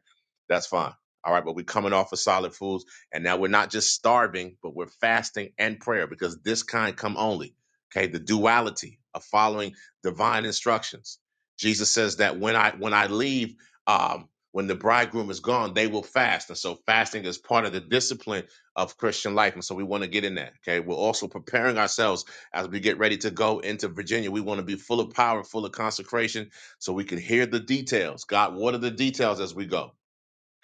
That's fine. All right. But we're coming off of solid foods. And now we're not just starving, but we're fasting and prayer because this kind come only. Okay. The duality of following divine instructions. Jesus says that when I when I leave, um, when the bridegroom is gone, they will fast, and so fasting is part of the discipline of Christian life, and so we want to get in that. Okay, we're also preparing ourselves as we get ready to go into Virginia. We want to be full of power, full of consecration, so we can hear the details. God, what are the details as we go?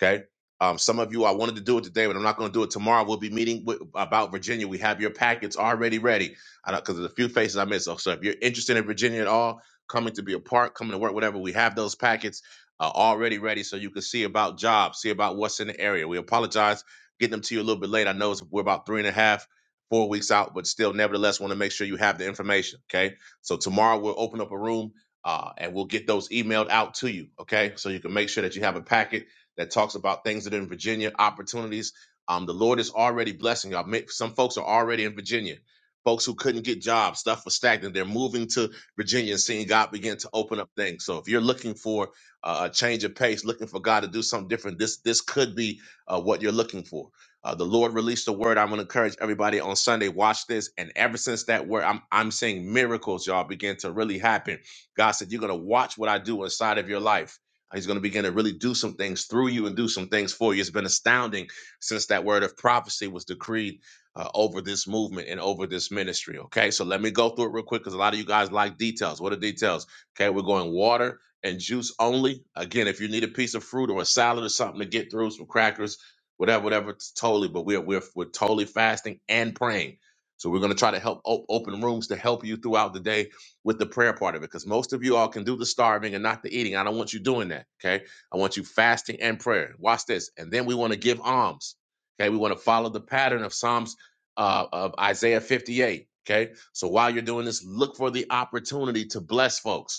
Okay. Um, some of you, I wanted to do it today, but I'm not going to do it tomorrow. We'll be meeting with, about Virginia. We have your packets already ready. I know because there's a few faces I missed. So, so if you're interested in Virginia at all, coming to be a part, coming to work, whatever, we have those packets uh, already ready, so you can see about jobs, see about what's in the area. We apologize getting them to you a little bit late. I know it's, we're about three and a half, four weeks out, but still, nevertheless, want to make sure you have the information. Okay. So tomorrow we'll open up a room. Uh, and we'll get those emailed out to you, okay? So you can make sure that you have a packet that talks about things that are in Virginia, opportunities. Um, the Lord is already blessing y'all. Ma- Some folks are already in Virginia. Folks who couldn't get jobs, stuff was stagnant. They're moving to Virginia and seeing God begin to open up things. So if you're looking for uh, a change of pace, looking for God to do something different, this this could be uh, what you're looking for. Uh, the Lord released a word. I'm going to encourage everybody on Sunday. Watch this, and ever since that word, I'm I'm seeing miracles, y'all, begin to really happen. God said, "You're going to watch what I do inside of your life." He's going to begin to really do some things through you and do some things for you. It's been astounding since that word of prophecy was decreed uh, over this movement and over this ministry. Okay, so let me go through it real quick because a lot of you guys like details. What are details? Okay, we're going water and juice only. Again, if you need a piece of fruit or a salad or something to get through, some crackers, whatever, whatever, it's totally. But we're we're we're totally fasting and praying. So we're going to try to help op- open rooms to help you throughout the day with the prayer part of it because most of you all can do the starving and not the eating. I don't want you doing that. Okay. I want you fasting and prayer. Watch this. And then we want to give alms. Okay. We want to follow the pattern of Psalms uh, of Isaiah 58. Okay. So while you're doing this, look for the opportunity to bless folks.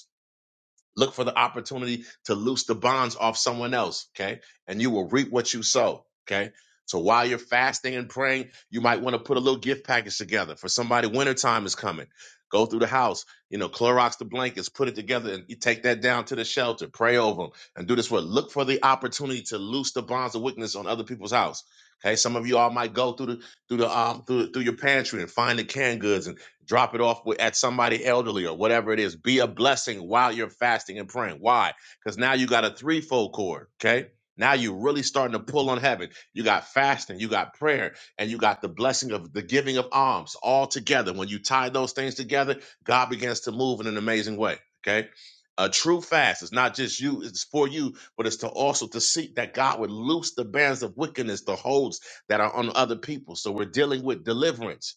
Look for the opportunity to loose the bonds off someone else, okay? And you will reap what you sow, okay? So while you're fasting and praying, you might want to put a little gift package together for somebody. Wintertime is coming. Go through the house, you know, Clorox the blankets, put it together, and you take that down to the shelter. Pray over them and do this work. Look for the opportunity to loose the bonds of wickedness on other people's house. Okay, some of you all might go through the through the um through through your pantry and find the canned goods and drop it off with, at somebody elderly or whatever it is. Be a blessing while you're fasting and praying. Why? Because now you got a threefold cord. Okay. Now you're really starting to pull on heaven. You got fasting, you got prayer, and you got the blessing of the giving of alms all together. When you tie those things together, God begins to move in an amazing way. Okay. A true fast is not just you, it's for you, but it's to also to seek that God would loose the bands of wickedness, the holds that are on other people. So we're dealing with deliverance.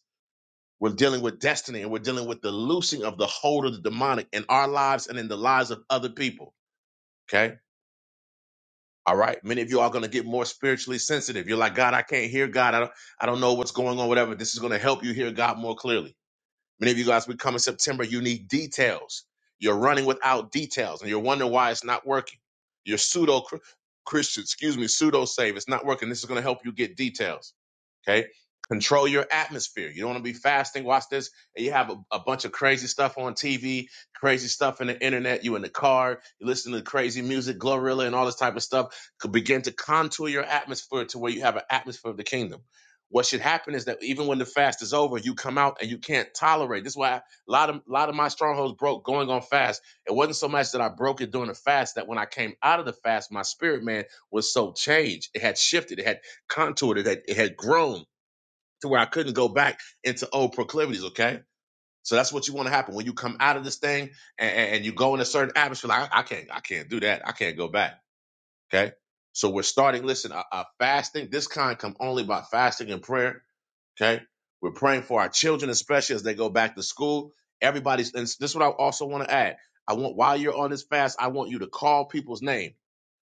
We're dealing with destiny and we're dealing with the loosing of the hold of the demonic in our lives and in the lives of other people. Okay. All right. Many of you are going to get more spiritually sensitive. You're like, God, I can't hear God. I don't, I don't know what's going on, whatever. This is going to help you hear God more clearly. Many of you guys, we come in September, you need details. You're running without details and you're wondering why it's not working. You're pseudo Christian, excuse me, pseudo save. It's not working. This is going to help you get details. Okay. Control your atmosphere. You don't want to be fasting. Watch this. And you have a, a bunch of crazy stuff on TV, crazy stuff in the internet. You in the car, you listen to crazy music, Glorilla, and all this type of stuff. Could begin to contour your atmosphere to where you have an atmosphere of the kingdom. What should happen is that even when the fast is over, you come out and you can't tolerate. This is why a lot of lot of my strongholds broke going on fast. It wasn't so much that I broke it during the fast that when I came out of the fast, my spirit man was so changed. It had shifted. It had contoured it had, it had grown to where i couldn't go back into old proclivities okay so that's what you want to happen when you come out of this thing and, and you go in a certain atmosphere like I, I can't i can't do that i can't go back okay so we're starting listen uh, uh, fasting this kind come only by fasting and prayer okay we're praying for our children especially as they go back to school everybody's and this is what i also want to add i want while you're on this fast i want you to call people's name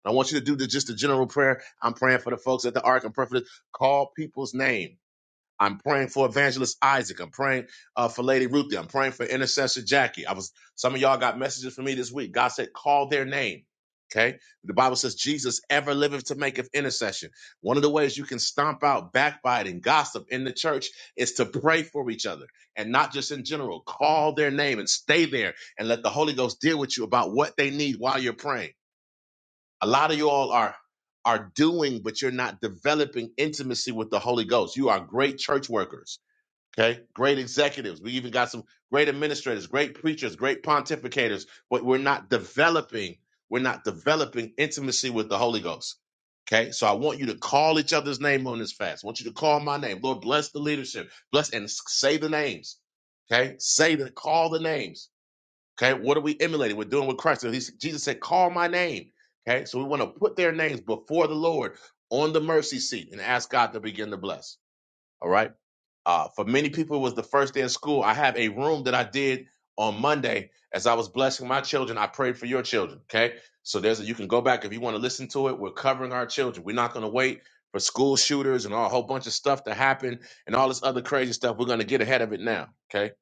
I want you to do the, just a general prayer. I'm praying for the folks at the Ark and Perfect. Call people's name. I'm praying for Evangelist Isaac. I'm praying uh, for Lady Ruthie. I'm praying for Intercessor Jackie. I was some of y'all got messages from me this week. God said, call their name. Okay. The Bible says Jesus ever liveth to make of intercession. One of the ways you can stomp out backbiting, gossip in the church is to pray for each other and not just in general. Call their name and stay there and let the Holy Ghost deal with you about what they need while you're praying a lot of you all are are doing but you're not developing intimacy with the holy ghost you are great church workers okay great executives we even got some great administrators great preachers great pontificators but we're not developing we're not developing intimacy with the holy ghost okay so i want you to call each other's name on this fast i want you to call my name lord bless the leadership bless and say the names okay say the call the names Okay, what are we emulating? We're doing with Christ. And he's, Jesus said, "Call my name." Okay, so we want to put their names before the Lord on the mercy seat and ask God to begin to bless. All right. Uh, for many people, it was the first day of school. I have a room that I did on Monday as I was blessing my children. I prayed for your children. Okay, so there's a, you can go back if you want to listen to it. We're covering our children. We're not going to wait for school shooters and all, a whole bunch of stuff to happen and all this other crazy stuff. We're going to get ahead of it now. Okay.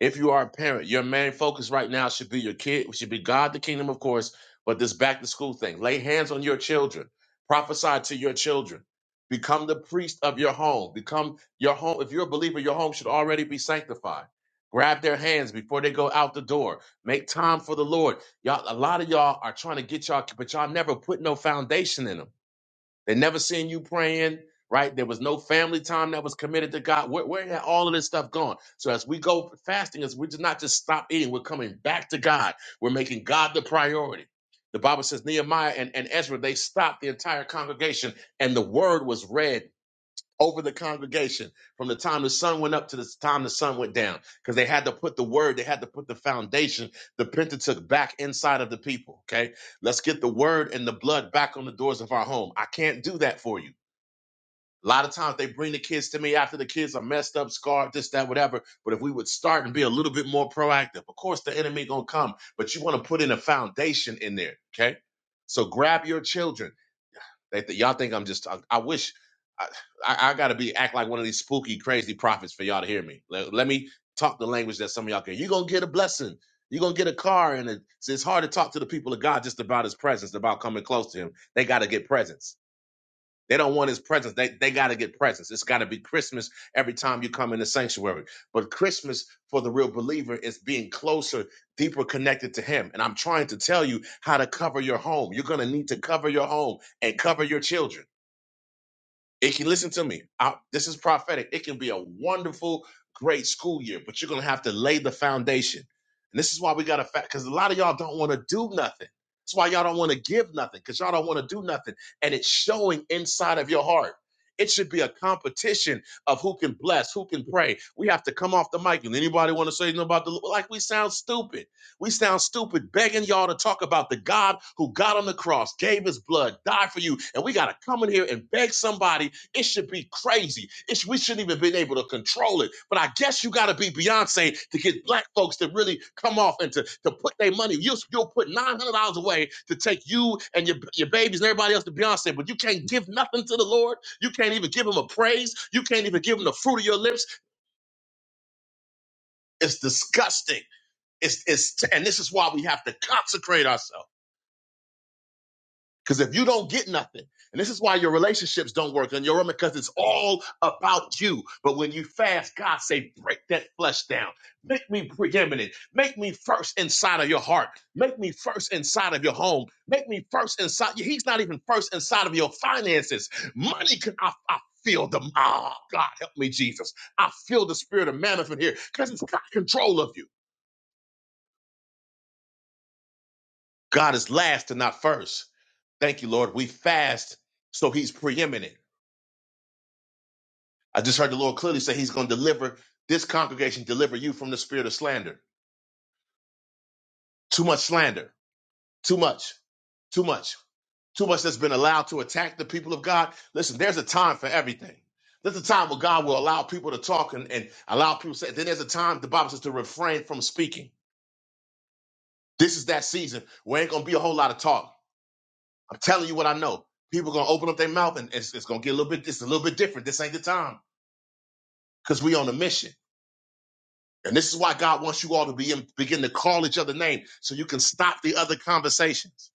If you are a parent, your main focus right now should be your kid. It should be God, the kingdom, of course. But this back to school thing. Lay hands on your children. Prophesy to your children. Become the priest of your home. Become your home, if you're a believer, your home should already be sanctified. Grab their hands before they go out the door. Make time for the Lord. Y'all, a lot of y'all are trying to get y'all, but y'all never put no foundation in them. They never seen you praying, right? There was no family time that was committed to God. Where, where had all of this stuff gone? So as we go fasting, as we're just not just stop eating, we're coming back to God. We're making God the priority. The Bible says Nehemiah and, and Ezra, they stopped the entire congregation and the word was read over the congregation from the time the sun went up to the time the sun went down because they had to put the word they had to put the foundation the pentateuch back inside of the people okay let's get the word and the blood back on the doors of our home i can't do that for you a lot of times they bring the kids to me after the kids are messed up scarred this that whatever but if we would start and be a little bit more proactive of course the enemy gonna come but you want to put in a foundation in there okay so grab your children they th- y'all think I'm just. I, I wish I, I, I gotta be act like one of these spooky, crazy prophets for y'all to hear me. Let, let me talk the language that some of y'all can. You're gonna get a blessing. You're gonna get a car, and it, it's it's hard to talk to the people of God just about His presence, about coming close to Him. They gotta get presence. They don't want His presence. They they gotta get presence. It's gotta be Christmas every time you come in the sanctuary. But Christmas for the real believer is being closer, deeper connected to Him. And I'm trying to tell you how to cover your home. You're gonna need to cover your home and cover your children it can listen to me. I, this is prophetic. It can be a wonderful, great school year, but you're gonna have to lay the foundation. And this is why we gotta fact because a lot of y'all don't want to do nothing. That's why y'all don't want to give nothing because y'all don't want to do nothing. And it's showing inside of your heart. It should be a competition of who can bless, who can pray. We have to come off the mic. And anybody want to say anything about the Lord? like we sound stupid. We sound stupid begging y'all to talk about the God who got on the cross, gave his blood, died for you. And we got to come in here and beg somebody it should be crazy. It's, we shouldn't even been able to control it. But I guess you got to be Beyonce to get black folks to really come off and to, to put their money. You'll, you'll put $900 away to take you and your, your babies and everybody else to Beyonce, but you can't give nothing to the Lord. You can't even give him a praise. You can't even give him the fruit of your lips. It's disgusting. It's, it's, and this is why we have to consecrate ourselves. Because if you don't get nothing, and this is why your relationships don't work on your own, because it's all about you. But when you fast, God say, break that flesh down. Make me preeminent. Make me first inside of your heart. Make me first inside of your home. Make me first inside. He's not even first inside of your finances. Money can I, I feel the ah God help me, Jesus. I feel the spirit of manna from here because it's got control of you. God is last and not first. Thank you, Lord. We fast so he's preeminent. I just heard the Lord clearly say he's going to deliver this congregation, deliver you from the spirit of slander. Too much slander. Too much. Too much. Too much that's been allowed to attack the people of God. Listen, there's a time for everything. There's a time where God will allow people to talk and, and allow people to say, then there's a time the Bible says to refrain from speaking. This is that season where ain't gonna be a whole lot of talk. I'm telling you what I know. People gonna open up their mouth and it's, it's gonna get a little bit, it's a little bit different. This ain't the time because we on a mission. And this is why God wants you all to begin, begin to call each other name so you can stop the other conversations.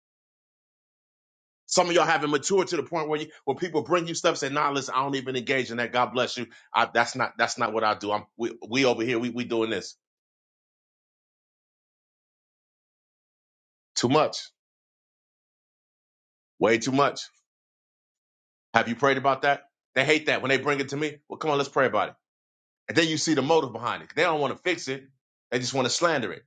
Some of y'all haven't matured to the point where you, when people bring you stuff, say, nah, listen, I don't even engage in that. God bless you. I, that's not, that's not what I do. I'm, we, we over here, we, we doing this too much, way too much. Have you prayed about that? They hate that when they bring it to me. Well, come on, let's pray about it. And then you see the motive behind it. They don't want to fix it. They just want to slander it.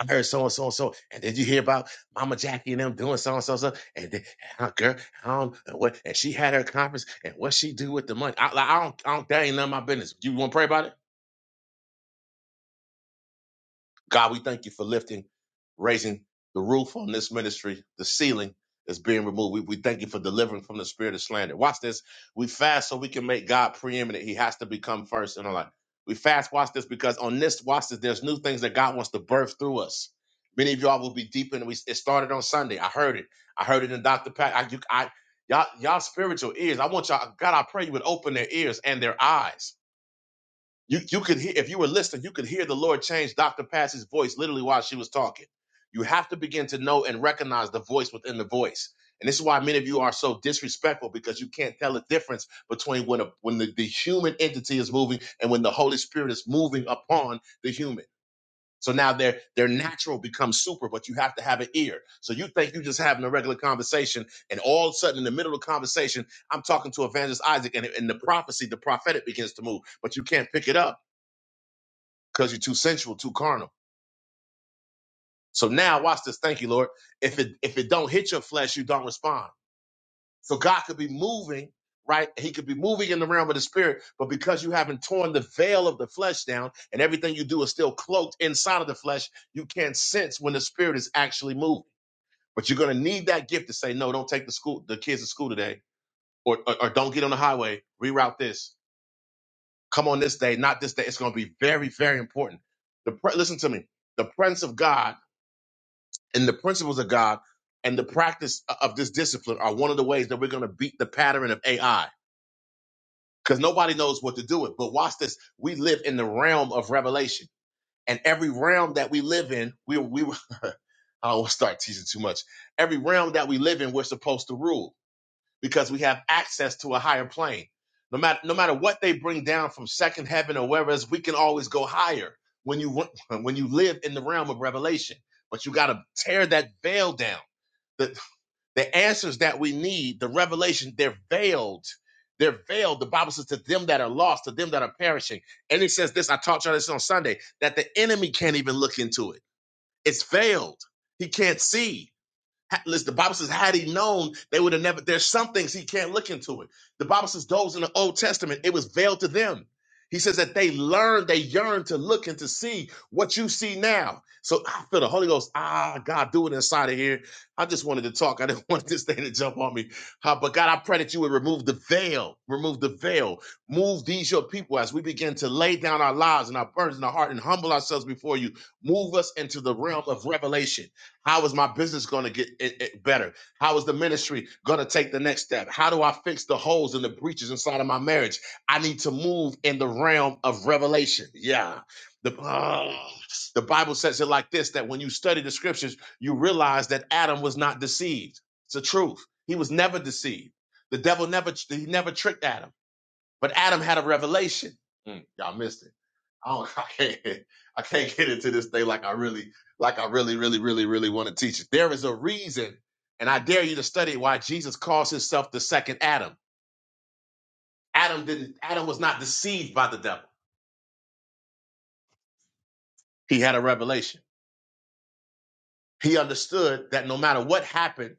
I heard so and so and so. And did you hear about Mama Jackie and them doing so and so so? And then her girl, I don't know what and she had her conference and what she do with the money. I, like, I don't I don't that ain't none of my business. You wanna pray about it? God, we thank you for lifting, raising the roof on this ministry, the ceiling is being removed. We, we thank you for delivering from the spirit of slander. Watch this. We fast so we can make God preeminent. He has to become first in our life. We fast, watch this, because on this, watch this, there's new things that God wants to birth through us. Many of y'all will be deep in We, it started on Sunday. I heard it. I heard it in Dr. Pat. I, you, I, y'all, y'all spiritual ears. I want y'all, God, I pray you would open their ears and their eyes you you could hear if you were listening, you could hear the Lord change Dr. Patsy's voice literally while she was talking. You have to begin to know and recognize the voice within the voice. And this is why many of you are so disrespectful because you can't tell the difference between when a, when the, the human entity is moving and when the Holy Spirit is moving upon the human. So now their their natural becomes super, but you have to have an ear. So you think you're just having a regular conversation, and all of a sudden in the middle of the conversation, I'm talking to Evangelist Isaac, and, in the prophecy, the prophetic begins to move, but you can't pick it up because you're too sensual, too carnal. So now watch this. Thank you, Lord. If it if it don't hit your flesh, you don't respond. So God could be moving, right? He could be moving in the realm of the spirit, but because you haven't torn the veil of the flesh down and everything you do is still cloaked inside of the flesh, you can't sense when the spirit is actually moving. But you're gonna need that gift to say, no, don't take the school the kids to school today, or or, or don't get on the highway, reroute this. Come on this day, not this day. It's gonna be very, very important. The pre- listen to me. The presence of God and the principles of God and the practice of this discipline are one of the ways that we're going to beat the pattern of AI because nobody knows what to do with. But watch this. We live in the realm of revelation and every realm that we live in, we, we, [LAUGHS] I don't want to start teasing too much. Every realm that we live in, we're supposed to rule because we have access to a higher plane. No matter, no matter what they bring down from second heaven or wherever else, we can always go higher when you, [LAUGHS] when you live in the realm of revelation, but you got to tear that veil down The, the answers that we need, the revelation, they're veiled. They're veiled. The Bible says to them that are lost, to them that are perishing. And it says this, I taught y'all this on Sunday, that the enemy can't even look into it. It's veiled. He can't see. Ha- Listen, the Bible says, had he known, they would have never. There's some things he can't look into it. The Bible says, those in the Old Testament, it was veiled to them. He says that they learned, they yearned to look and to see what you see now. So I feel the Holy Ghost. Ah, God, do it inside of here. I just wanted to talk. I didn't [LAUGHS] want this thing to jump on me. Uh, but God, I pray that you would remove the veil, remove the veil, move these your people as we begin to lay down our lives and our burdens and our heart and humble ourselves before you. Move us into the realm of revelation how is my business going to get it, it better? How is the ministry going to take the next step? How do I fix the holes and the breaches inside of my marriage? I need to move in the realm of revelation. Yeah. The, [SIGHS] ah, the Bible says it like this that when you study the scriptures, you realize that Adam was not deceived. It's the truth. He was never deceived. The devil never he never tricked Adam, but Adam had a revelation. Mm, y'all missed it. I don't, [LAUGHS] I can't, I can't get into this thing like I really, like I really, really, really, really want to teach it. There is a reason, and I dare you to study why Jesus calls himself the second Adam. Adam didn't, Adam was not deceived by the devil. He had a revelation. He understood that no matter what happened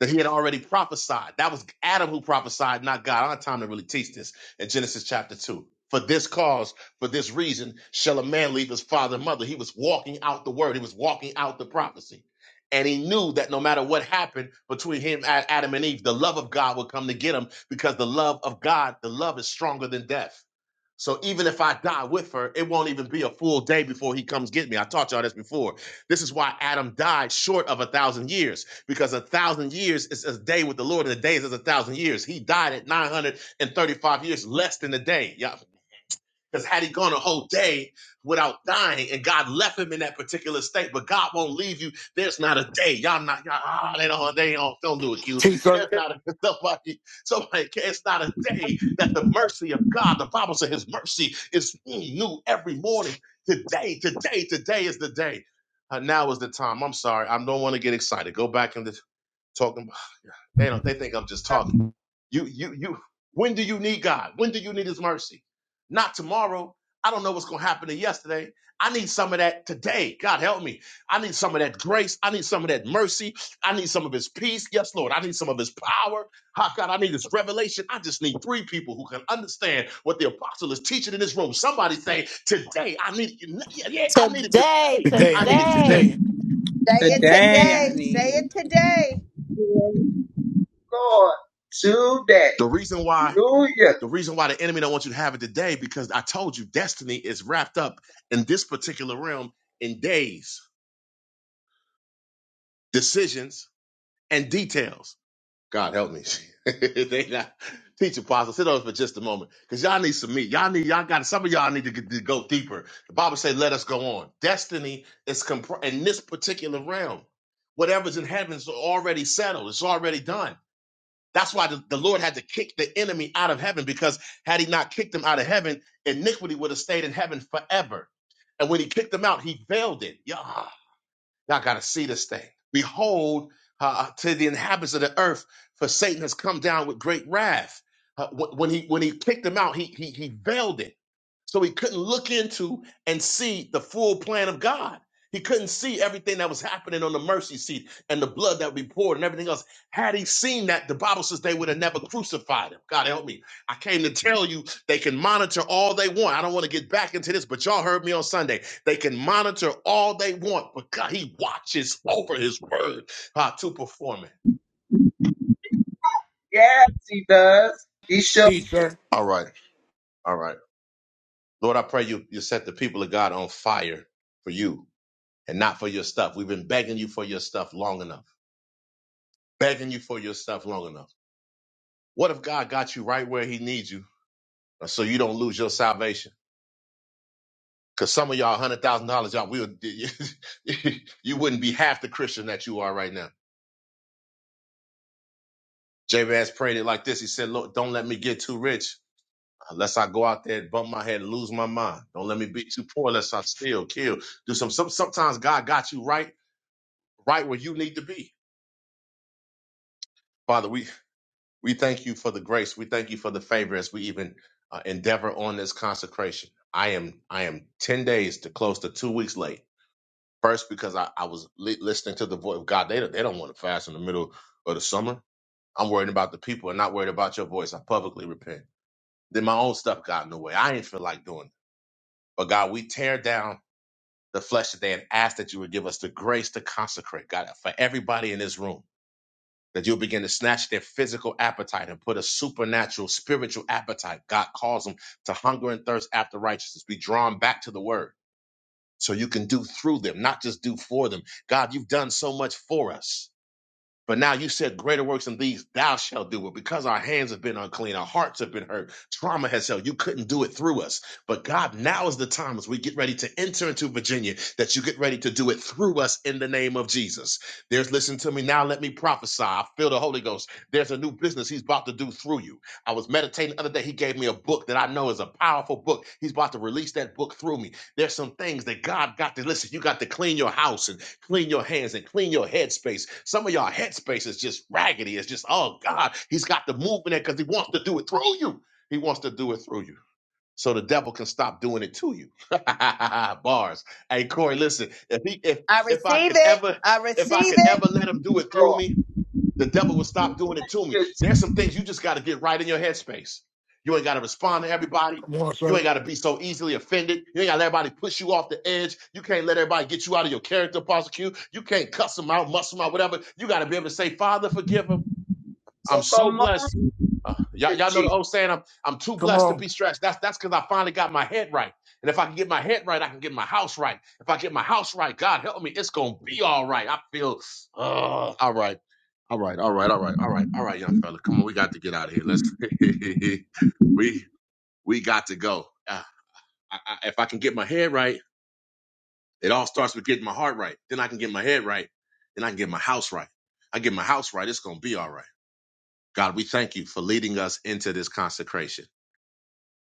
that he had already prophesied. That was Adam who prophesied, not God. I don't have time to really teach this in Genesis chapter 2. For this cause, for this reason, shall a man leave his father and mother. He was walking out the word, he was walking out the prophecy. And he knew that no matter what happened between him and Adam and Eve, the love of God would come to get him because the love of God, the love is stronger than death. So even if I die with her, it won't even be a full day before he comes get me. I taught y'all this before. This is why Adam died short of a thousand years, because a thousand years is a day with the Lord, and the days is a thousand years. He died at 935 years, less than a day. Yeah, because had he gone a whole day without dying and God left him in that particular state, but God won't leave you. There's not a day. Y'all not, y'all, ah, they don't, they don't, don't do it, Q. T, sir. There's not a, [LAUGHS] somebody, somebody, it's not a day that the mercy of God, the Bible says his mercy is new every morning. Today, today, today is the day. Uh, now is the time. I'm sorry. I don't want to get excited. Go back in the talking about [SIGHS] yeah, they don't they think I'm just talking. You you you when do you need God? When do you need his mercy? Not tomorrow. I don't know what's gonna happen to yesterday. I need some of that today. God help me. I need some of that grace. I need some of that mercy. I need some of his peace. Yes, Lord. I need some of his power. Ah, God, I need his revelation. I just need three people who can understand what the apostle is teaching in this room. Somebody say, today, I need it. Yeah, yeah, I need it Today, today. Today, I I need need it it today. today. today. Say it Today I today. need Say it. it today. Yeah, Lord today. The reason why Hallelujah. The reason why the enemy don't want you to have it today because I told you destiny is wrapped up in this particular realm in days, decisions, and details. God help me. [LAUGHS] they not teach apostle. Sit over for just a moment because y'all need some meat. Y'all need y'all got some of y'all need to, get, to go deeper. The Bible said, "Let us go on." Destiny is compr- in this particular realm. Whatever's in heaven's already settled. It's already done. That's why the, the Lord had to kick the enemy out of heaven because had he not kicked him out of heaven, iniquity would have stayed in heaven forever. And when he kicked him out, he veiled it. Yeah. Y'all got to see this thing. Behold, uh, uh, to the inhabitants of the earth, for Satan has come down with great wrath. Uh, wh- when he when he kicked him out, he he he veiled it, so he couldn't look into and see the full plan of God. He couldn't see everything that was happening on the mercy seat and the blood that we poured and everything else. Had he seen that, the Bible says they would have never crucified him. God help me. I came to tell you they can monitor all they want. I don't want to get back into this, but y'all heard me on Sunday. They can monitor all they want, but God, He watches over His word uh, to perform it. Yes, he does. He's your T, sir. All right, all right. Lord, I pray you you set the people of God on fire for you and not for your stuff. We've been begging you for your stuff long enough, begging you for your stuff long enough. What if God got you right where He needs you, uh, so you don't lose your salvation? Because some of y'all, one hundred thousand dollars, y'all will [LAUGHS] you wouldn't be half the Christian that you are right now. Jabez prayed it like this. He said, "Lord, don't let me get too rich." Unless I go out there and bump my head and lose my mind. Don't let me be too poor lest I steal, kill. Do some, some sometimes God got you right, right where you need to be. Father, we we thank you for the grace. We thank you for the favor as we even uh, endeavor on this consecration. I am I am 10 days to close to two weeks late. First, because I, I was li- listening to the voice of God. They don't, they don't want to fast in the middle of the summer. I'm worried about the people and not worried about your voice. I publicly repent. Then my own stuff got in the way. I ain't feel like doing it. But God, we tear down the flesh today and ask that you would give us the grace to consecrate, God, for everybody in this room, that you'll begin to snatch their physical appetite and put a supernatural, spiritual appetite. God calls them to hunger and thirst after righteousness, be drawn back to the word so you can do through them, not just do for them. God, you've done so much for us. But now you said greater works than these thou shalt do. But because our hands have been unclean, our hearts have been hurt, trauma has held, you couldn't do it through us. But God, now is the time as we get ready to enter into Virginia that you get ready to do it through us in the name of Jesus. There's, listen to me now, let me prophesy. I feel the Holy Ghost. There's a new business he's about to do through you. I was meditating the other day. He gave me a book that I know is a powerful book. He's about to release that book through me. There's some things that God got to listen. You got to clean your house and. Clean your hands and clean your headspace. Some of y'all headspace is just raggedy. It's just, oh God, he's got the movement there because he wants to do it through you. He wants to do it through you. So the devil can stop doing it to you. [LAUGHS] Bars. Hey Corey, listen, if he if I if I receive could it. ever I if I receive could it. ever let him do it through Lord. me, the devil will stop doing it to me. There's some things you just got to get right in your headspace. You ain't got to respond to everybody. Come on, You sir. ain't got to be so easily offended. You ain't got to let everybody push you off the edge. You can't let everybody get you out of your character, prosecute. You can't cuss them out, muss them out, whatever. You got to be able to say, Father, forgive them. So I'm so come on, blessed. Uh, y'all, you y'all know the Jesus. old saying, I'm, I'm too Come blessed to on. be stressed. That's that's because I finally got my head right. And if I can get my head right, I can get my house right. If I get my house right, God help me, it's going to be all right. I feel, uh, all right. All right, all right, all right, all right, all right, young fella. Come on, we got to get out of here. Let's, [LAUGHS] we we got to go. Uh, I, I, if I can get my head right, it all starts with getting my heart right. Then I can get my head right. Then I can get my house right. I get my house right, it's going to be all right. God, we thank you for leading us into this consecration.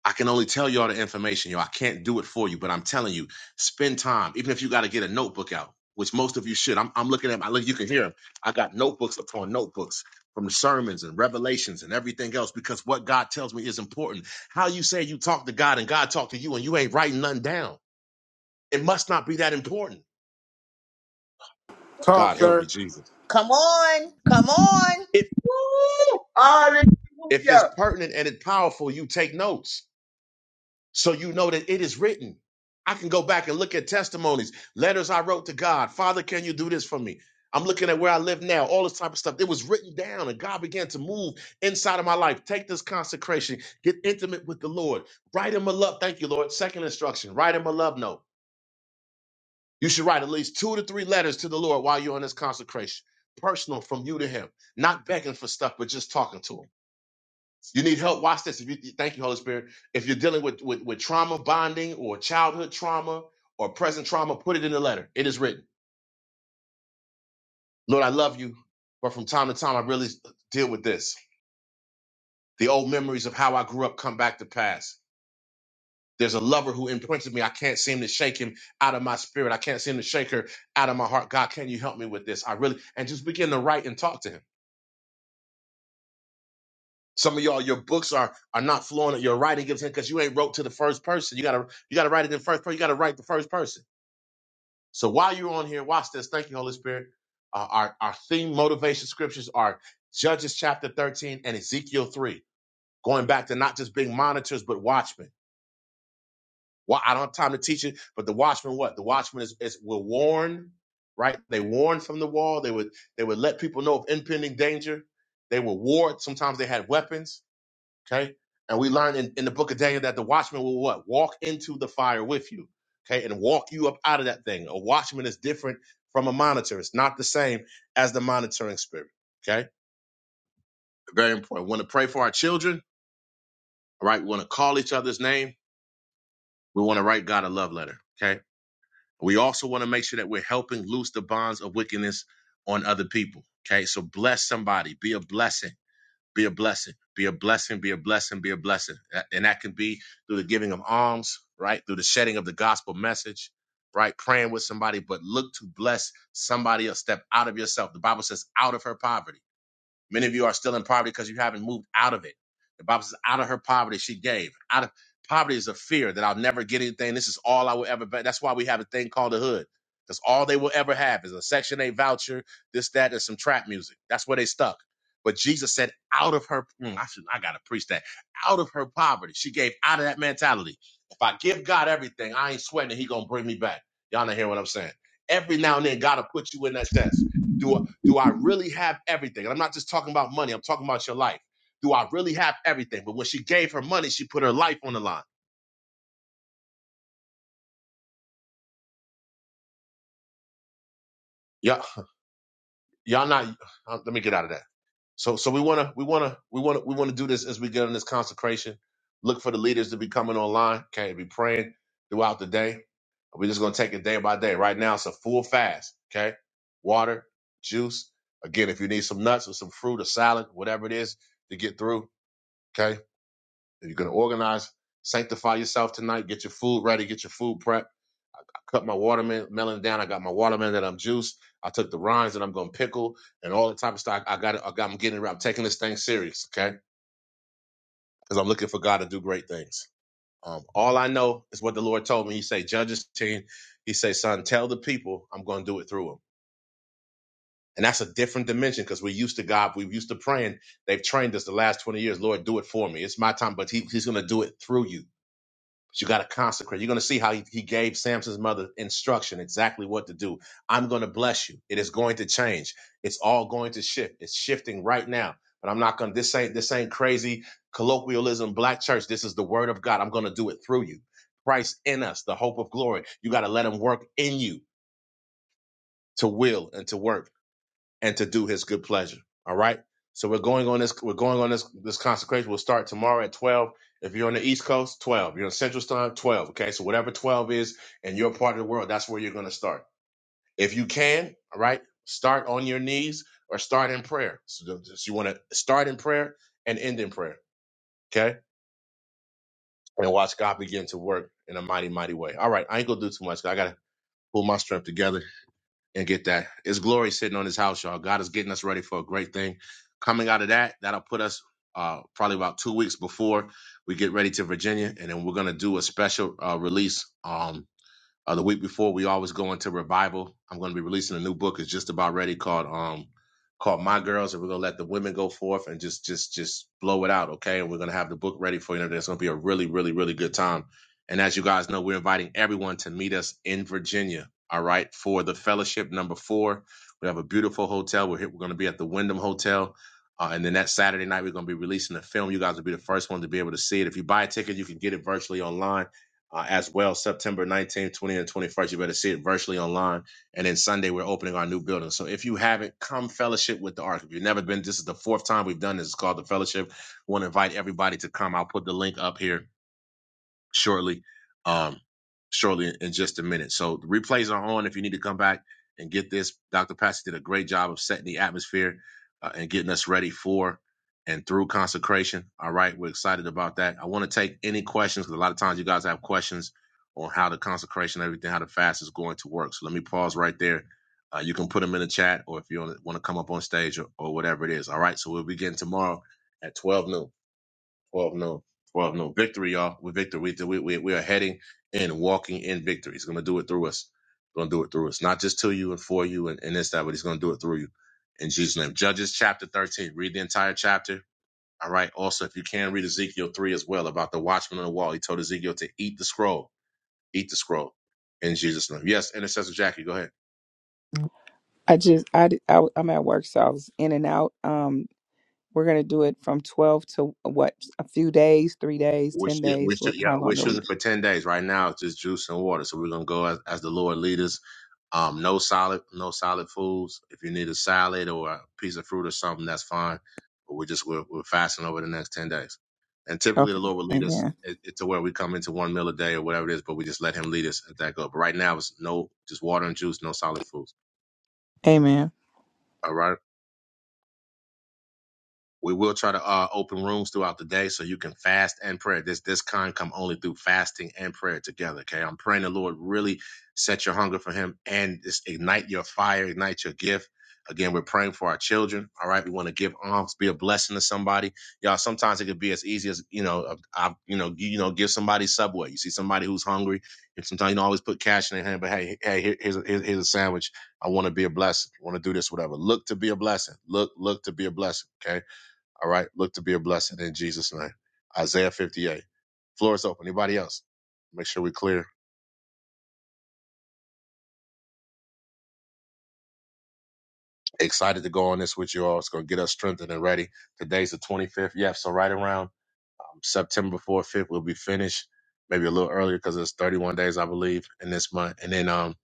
I can only tell y'all the information, y'all. I can't do it for you, but I'm telling you, spend time, even if you got to get a notebook out, which most of you should. I'm, I'm looking at my, look, you can hear them. I got notebooks upon notebooks from the sermons and revelations and everything else because what God tells me is important. How you say you talk to God and God talk to you and you ain't writing nothing down. It must not be that important. Talk, God help me, sir. Jesus. Come on. Come on. If if it's Hallelujah. pertinent and it's powerful, you take notes So you know that it is written. I can go back and look at testimonies, letters I wrote to God. Father, can you do this for me? I'm looking at where I live now, all this type of stuff. It was written down, and God began to move inside of my life. Take this consecration, get intimate with the Lord. Write him a love. Thank you, Lord. Second instruction write him a love note. You should write at least two to three letters to the Lord while you're on this consecration. Personal from you to him, not begging for stuff, but just talking to him. You need help. Watch this. If you thank you, Holy Spirit. If you're dealing with, with with trauma bonding or childhood trauma or present trauma, put it in the letter. It is written. Lord, I love you, but from time to time, I really deal with this. The old memories of how I grew up come back to pass. There's a lover who imprinted me. I can't seem to shake him out of my spirit. I can't seem to shake her out of my heart. God, can you help me with this? I really and just begin to write and talk to him. Some of y'all, your books are are not flowing. Your writing gives in because you ain't wrote to the first person. You gotta you gotta write it in first person. You gotta write the first person. So while you're on here, watch this. Thank you, Holy Spirit. Uh, our, our theme motivation scriptures are Judges chapter 13 and Ezekiel 3, going back to not just being monitors, but watchmen. Well, I don't have time to teach it, but the watchman, what? The watchman is, is will warn, right? They warn from the wall. They would they would let people know of impending danger. They were ward. Sometimes they had weapons Okay. And we learn in, in the book of Daniel that the watchman will what? Walk into the fire with you. Okay. And walk you up out of that thing. A watchman is different from a monitor. It's not the same as the monitoring spirit. Okay. Very important. We want to pray for our children. All right. We want to call each other's name. We want to write God a love letter. Okay. We also want to make sure that we're helping loose the bonds of wickedness on other people. Okay. So bless somebody. Be a blessing. Be a blessing. Be a blessing. Be a blessing. Be a blessing. A- And that can be through the giving of alms, right? Through the shedding of the gospel message, right? Praying with somebody, but look to bless somebody else. Step out of yourself. The Bible says, out of her poverty. Many of you are still in poverty because you haven't moved out of it. The Bible says, out of her poverty she gave. Out of poverty is a fear that I'll never get anything. This is all I will ever be. That's why we have a thing called the hood. That's all they will ever have is a Section 8 voucher, this, that, and some trap music. That's where they stuck. But Jesus said, out of her, mm, I should, I gotta preach that. Out of her poverty, she gave out of that mentality. If I give God everything, I ain't sweating. that He gonna bring me back. Y'all not hear what I'm saying? Every now and then, God will put you in that test. Do I, do I really have everything? And I'm not just talking about money, I'm talking about your life. Do I really have everything? But when she gave her money, she put her life on the line. Yeah, y'all not uh, let me get out of that. So so we wanna we wanna we wanna we wanna do this as we get on this consecration. Look for the leaders to be coming online. Okay, be praying throughout the day. We're just gonna take it day by day. Right now, it's a full fast. Okay, water, juice. Again, if you need some nuts or some fruit or salad, whatever it is to get through. Okay, If you're going to organize, sanctify yourself tonight. Get your food ready. Get your food prep. I cut my watermelon down. I got my watermelon that I'm juiced. I took the rinds that I'm going to pickle and all the type of stuff. I got it. I got, I'm getting it. right. I'm taking this thing serious, okay? Because I'm looking for God to do great things. Um, all I know is what the Lord told me. He say, Judges 10, he say, son, tell the people I'm going to do it through them. And that's a different dimension because we're used to God. We're used to praying. They've trained us the last 20 years. Lord, do it for me. It's my time, but he, he's going to do it through you. But you got to consecrate. You're going to see how he, he gave Samson's mother instruction exactly what to do. I'm going to bless you. It is going to change. It's all going to shift. It's shifting right now. But I'm not going to, this ain't, this ain't crazy colloquialism, black church. This is the word of God. I'm going to do it through you. Christ in us, the hope of glory. You got to let him work in you to will and to work and to do his good pleasure. All right. So we're going on this, we're going on this this consecration. We'll start tomorrow at 12. If you're on the East Coast, 12. You're on Central Time, 12. Okay. So whatever 12 is in your part of the world, that's where you're going to start. If you can, all right, start on your knees or start in prayer. So, th- so you want to start in prayer and end in prayer. Okay. And watch God begin to work in a mighty, mighty way. All right. I ain't gonna do too much. I gotta pull my strength together and get that. It's glory sitting on his house, y'all. God is getting us ready for a great thing. Coming out of that, that'll put us uh, probably about two weeks before we get ready to Virginia, and then we're gonna do a special uh, release. Um, uh, the week before, we always go into revival. I'm going to be releasing a new book. It's just about ready called um called My Girls, and we're going to let the women go forth and just just just blow it out, okay? And we're going to have the book ready for you. And it's going to be a really really really good time. And as you guys know, we're inviting everyone to meet us in Virginia. All right, for the fellowship number four, we have a beautiful hotel. We're here, we're going to be at the Wyndham Hotel. Uh, and then that Saturday night, we're going to be releasing a film. You guys will be the first one to be able to see it. If you buy a ticket, you can get it virtually online uh, as well September 19th, 20th, and 21st. You better see it virtually online. And then Sunday, we're opening our new building. So if you haven't, come fellowship with the Ark. If you've never been, this is the fourth time we've done this. It's called the Fellowship. We want to invite everybody to come. I'll put the link up here shortly, um, shortly in just a minute. So the replays are on. If you need to come back and get this, Dr. Patsy did a great job of setting the atmosphere uh, and getting us ready for and through consecration. All right, we're excited about that. I want to take any questions because a lot of times you guys have questions on how the consecration, everything, how the fast is going to work. So let me pause right there. Uh, you can put them in the chat, or if you want to come up on stage or, or whatever it is. All right, so we'll begin tomorrow at 12 noon. 12 no 12 no victory y'all with victory we, we, we, we are heading and walking in victory he's gonna do it through us gonna do it through us not just to you and for you and, and this that but he's gonna do it through you in jesus name judges chapter 13 read the entire chapter all right also if you can read ezekiel 3 as well about the watchman on the wall he told ezekiel to eat the scroll eat the scroll in jesus name yes intercessor jackie go ahead I just I, di- I am at work, so I was in and out. Um, we're gonna do it from twelve to what? A few days, three days, we're, sh- ten yeah, we're, days. shoot, What? yeah, How we're long are we? shooting do- for 10 days right now it's just juice and water so we're gonna go as, as the lord leaders Um, no solid, no solid foods. If you need a salad or a piece of fruit or something, that's fine. But we're just we're, we're fasting over the next ten days. And typically, the Okay. Lord will lead us Amen. i- i- to where we come into one meal a day or whatever it is. But we just let Him lead us at that go. But right now, it's no just water and juice, no solid foods. Amen. All right. We will try to uh, open rooms throughout the day so you can fast and pray. This this kind come only through fasting and prayer together. Okay, I'm praying the Lord really set your hunger for Him and just ignite your fire, ignite your gift. Again, we're praying for our children. All right, we want to give alms, be a blessing to somebody. Y'all, sometimes it could be as easy as you know, I, you know, you, you know, give somebody Subway. You see somebody who's hungry, and sometimes you don't always put cash in their hand. But hey, hey, here- here's a, here's here's a sandwich. I want to be a blessing. I want to do this, whatever. Look to be a blessing. Look, look to be a blessing. Okay all right. Look to be a blessing in Jesus' name. Isaiah 58. Floor is open. Anybody else? Make sure we're clear. Excited to go on this with you all. It's going to get us strengthened and ready. Today's the 25th. Yeah. So right around um, September 4th, 5th, we'll be finished. Maybe a little earlier because it's 31 days, I believe, in this month. And then um,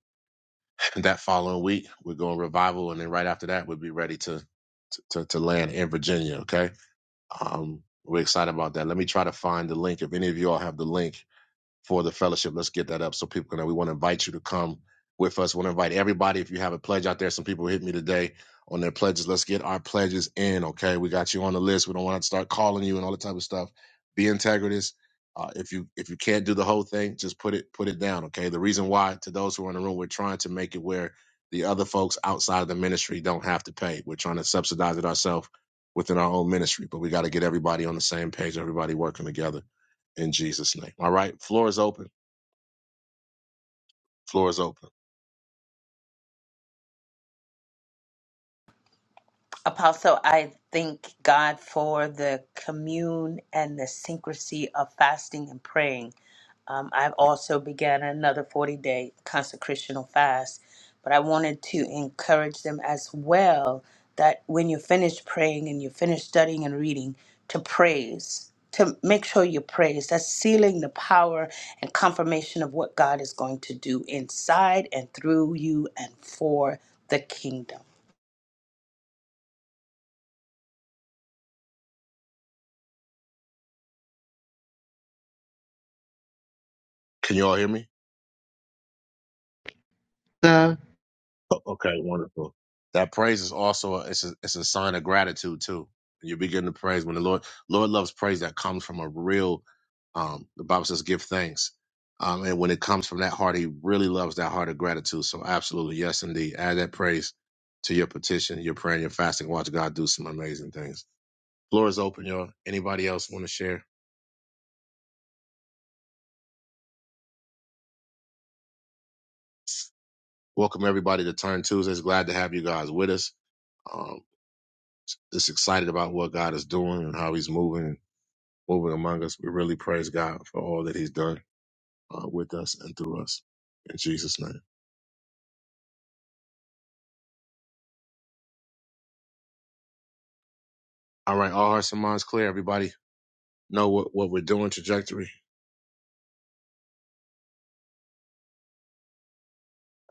[CLEARS THROAT] that following week, we're going revival. And then right after that, we'll be ready to to, to land in Virginia. Okay. Um, we're excited about that. Let me try to find the link. If any of you all have the link, for the fellowship. Let's get that up so people can know. We want to invite you to come with us. We want to invite everybody. If you have a pledge out there, some people hit me today on their pledges. Let's get our pledges in. Okay, we got you on the list. We don't want to start calling you and all that type of stuff. Be integritous. Uh, if you if you can't do the whole thing, just put it put it down. Okay. The reason why to those who are in the room, we're trying to make it where the other folks outside of the ministry don't have to pay. We're trying to subsidize it ourselves within our own ministry, but we got to get everybody on the same page. Everybody working together in Jesus' name. All right. Floor is open. Floor is open. Apostle, I thank God for the commune and the syncrasy of fasting and praying. Um, I've also began another 40 day consecrational fast, but I wanted to encourage them as well that when you finish praying and you finish studying and reading, to praise, to make sure you praise. That's sealing the power and confirmation of what God is going to do inside and through you and for the kingdom. Can you all hear me? O- Okay, wonderful. That praise is also a, it's a it's a sign of gratitude too. You begin to praise when the Lord Lord loves praise that comes from a real um the Bible says give thanks. Um and when it comes from that heart, he really loves that heart of gratitude. So absolutely, yes indeed. Add that praise to your petition, your prayer, and your fasting. Watch God do some amazing things. Floor is open, y'all. Anybody else want to share? Welcome everybody to Turn Tuesdays. Glad to have you guys with us. Um, just excited about what God is doing and how He's moving, moving among us. We really praise God for all that He's done uh, with us and through us. In Jesus' name. All right, all hearts and minds clear. Everybody know what, what we're doing. Trajectory.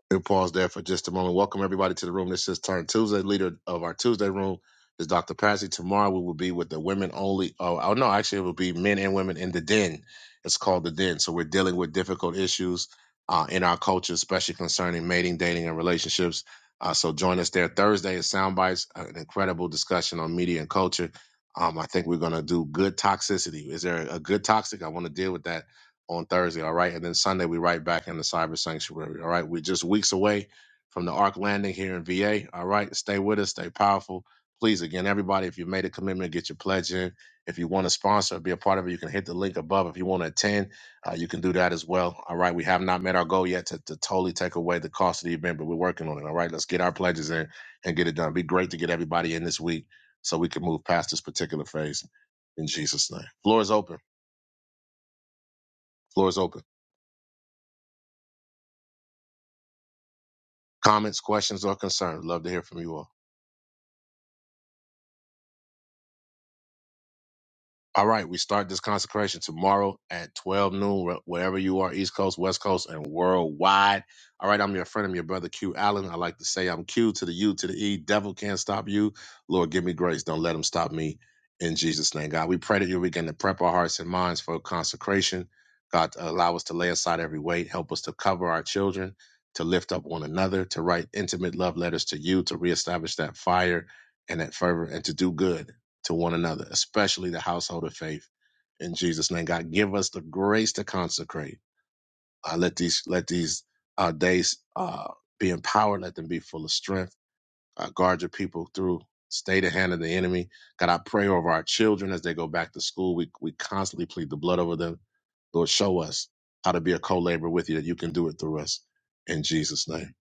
We'll pause there for just a moment. Welcome everybody to the room. This is Turn Tuesday. Leader of our Tuesday room is Dr. Patsy. Tomorrow we will be with the women only. Oh, oh no, actually it will be men and women in the den. It's called the den. So we're dealing with difficult issues uh, in our culture, especially concerning mating, dating, and relationships. Uh, so join us there. Thursday is Soundbites, an incredible discussion on media and culture. Um, I think we're going to do good toxicity. Is there a good toxic? I want to deal with that on Thursday, all right? And then Sunday, we right back in the cyber sanctuary, all right? We're just weeks away from the Ark landing here in VA, all right? Stay with us, stay powerful. Please, again, everybody, if you made a commitment, get your pledge in. If you want to sponsor, be a part of it, you can hit the link above. If you want to attend, uh, you can do that as well, all right? We have not met our goal yet to, to totally take away the cost of the event, but we're working on it, all right? Let's get our pledges in and get it done. Be great to get everybody in this week so we can move past this particular phase in Jesus' name. Floor is open. Floor is open. Comments, questions, or concerns. Love to hear from you all. All right, we start this consecration tomorrow at 12 noon, where- wherever you are, East Coast, West Coast, and worldwide. All right, I'm your friend, I'm your brother Q Allen. I like to say I'm Q to the U to the E. Devil can't stop you. Lord, give me grace. Don't let him stop me. In Jesus' name, God, we pray that you begin to prep our hearts and minds for consecration. God, allow us to lay aside every weight. Help us to cover our children, to lift up one another, to write intimate love letters to you, to reestablish that fire and that fervor, and to do good to one another, especially the household of faith. In Jesus' name, God, give us the grace to consecrate. Uh, let these let these uh, days uh, be empowered. Let them be full of strength. Uh, guard your people through. Stay the hand of the enemy. God, I pray over our children as they go back to school. We we constantly plead the blood over them. Lord, show us how to be a co-laborer with you. That you can do it through us. In Jesus' name,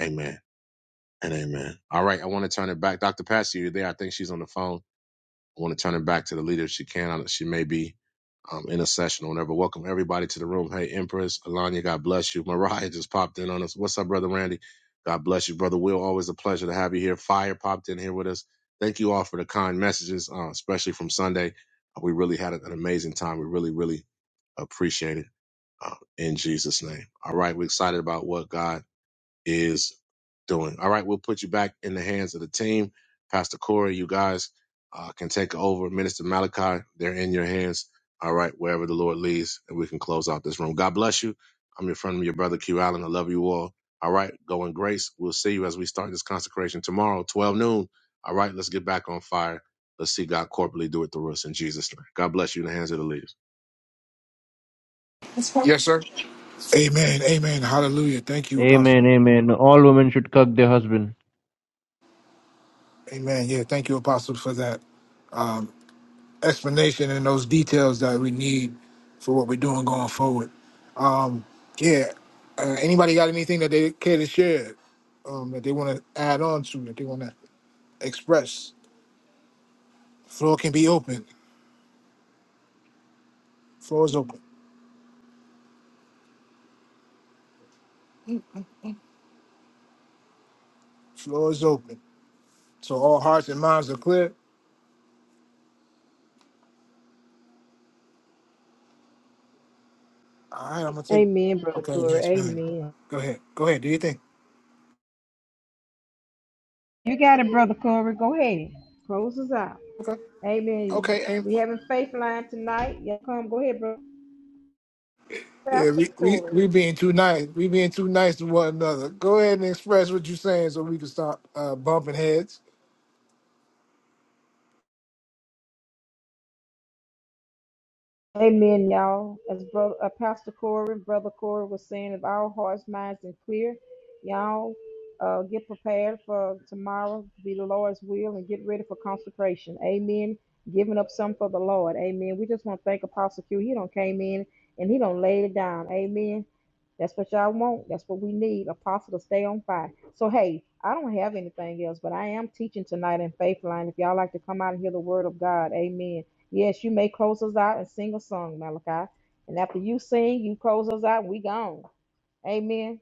Amen and Amen. All right, I want to turn it back, Doctor Patsy. You're there. I think she's on the phone want to turn it back to the leader if she can. I- She may be um, in a session or whatever. Welcome everybody to the room. Hey, Empress, Alanya, God bless you. Mariah just popped in on us. What's up, brother Randy? God bless you, brother Will. Always a pleasure to have you here. Fire popped in here with us. Thank you all for the kind messages, uh, especially from Sunday. We really had an amazing time. We really, really appreciate it uh, in Jesus' name. All right, we're excited about what God is doing. All right, we'll put you back in the hands of the team. Pastor Corey, you guys uh, can take over. Minister Malachi, they're in your hands. All right, wherever the Lord leads, and we can close out this room. God bless you. I'm your friend, your brother Q Allen. I love you all. All right, go in grace. We'll see you as we start this consecration tomorrow, 12 noon. All right, let's get back on fire. Let's see God corporately do it through us in Jesus' name. God bless you in the hands of the leaders. Yes, sir. Amen. Amen. Hallelujah. Thank you, Apostle. Amen, amen. All women should cuck their husband. Amen. Yeah, thank you, Apostle, for that um, explanation and those details that we need for what we're doing going forward. Um, yeah. Uh, anybody got anything that they care to share um, that they want to add on to, that they want to express? Floor can be open. Floor is open. Floor is open. So all hearts and minds are clear. All right, I'm gonna take. Amen, Brother Okay, Corey. yes, man. Amen. Go ahead. Go ahead. Do your thing. You got it, Brother Corey. Go ahead. Close us out. Okay. Amen. Okay, aim. We having faith line tonight. Yeah, come. Go ahead, Brother Yeah, Pastor we, we Corey. we being too nice. We being too nice to one another. Go ahead and express what you're saying so we can stop uh, bumping heads. Amen, y'all. As brother uh, Pastor Corey, Brother Corey was saying, if our hearts, minds, and clear, y'all uh, get prepared for tomorrow to be the Lord's will and get ready for consecration. Amen. Giving up some for the Lord. Amen. We just want to thank Apostle Q. He don't came in and he don't laid it down. Amen. That's what y'all want. That's what we need. Apostle to stay on fire. So hey, I don't have anything else, but I am teaching tonight in Faithline. If y'all like to come out and hear the word of God, amen. Yes, you may close us out and sing a song, Malachi. And after you sing, you close us out and we gone. Amen.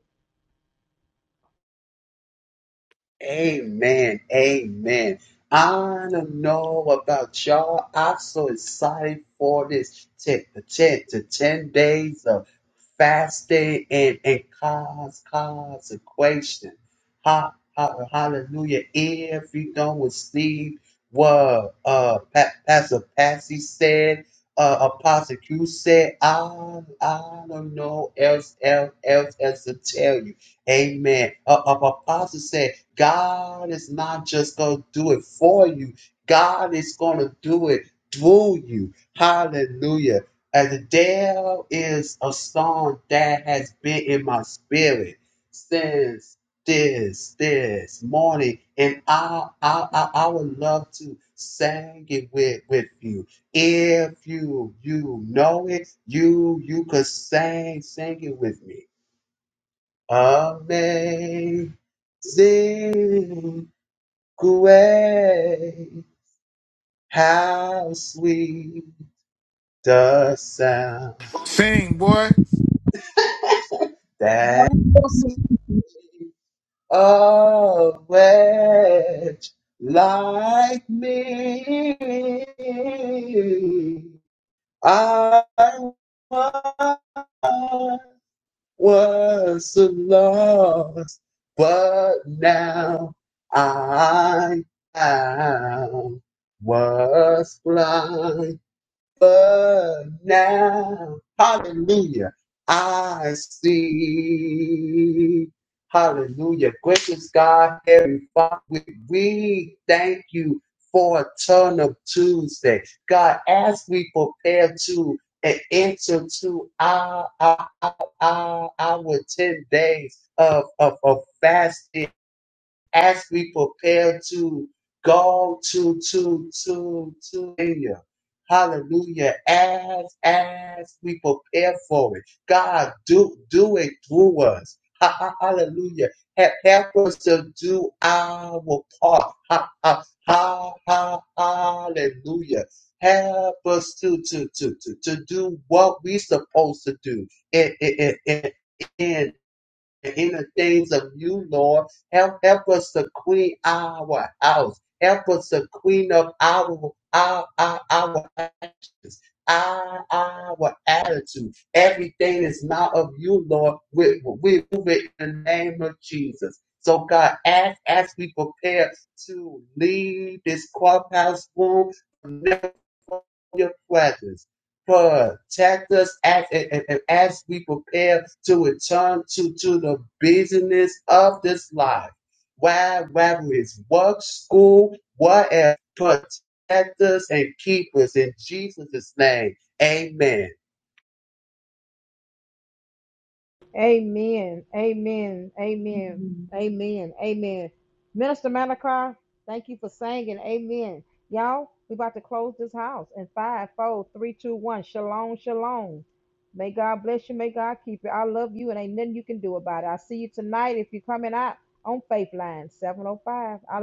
Amen. Amen. I don't know about y'all. I'm so excited for this 10, 10 to 10 days of fasting and, and cause, consecration. Ha, ha, hallelujah. If you don't receive what uh, Pa- Pastor Patsy said, uh, Apostle Q said, I, I don't know else, else, else, else to tell you. Amen. Uh, uh, Apostle said, God is not just going to do it for you. God is going to do it through you. Hallelujah. And there is a song that has been in my spirit since this this morning, and I I I, I would love to sing it with with you. If you you know it, you you could sing sing it with me. Amazing away. How sweet the sound Sing, boy. that One person. a wretch like me. I once was lost, but now I am was blind But now, hallelujah, I see. Hallelujah. Gracious God, Heavenly Father, we we thank you for a turn of Tuesday. God, as we prepare to and enter to our, our, our, our, our 10 days of, of, of fasting as we prepare to go to to to to hallelujah. Hallelujah. As as we prepare for it. God do do it through us. Ha- ha- Hallelujah. Help, help us to do our part. Ha, ha, ha, ha, hallelujah. Help us to, to, to, to, to do what we're supposed to do in, in, in, in the inner things of you, Lord. Help help us to clean our house. Help us to clean up our our our, our actions. Our, our attitude, everything is not of you, Lord. We, we move it in the name of Jesus. So, God, as, as we prepare to leave this clubhouse room, never from your presence protect us as, and, and- as we prepare to return to, to the business of this life. Why, whether it's work, school, whatever, protect us and keep us in Jesus' name. Amen. Amen. Amen. Amen. Amen. Amen. Minister Malachi, thank you for singing. Amen. Y'all, we about to close this house in five, four, three, two, one. Shalom, shalom. May God bless you. May God keep you. I love you, and ain't nothing you can do about it. I see you tonight if you're coming out on Faith Line 705. I love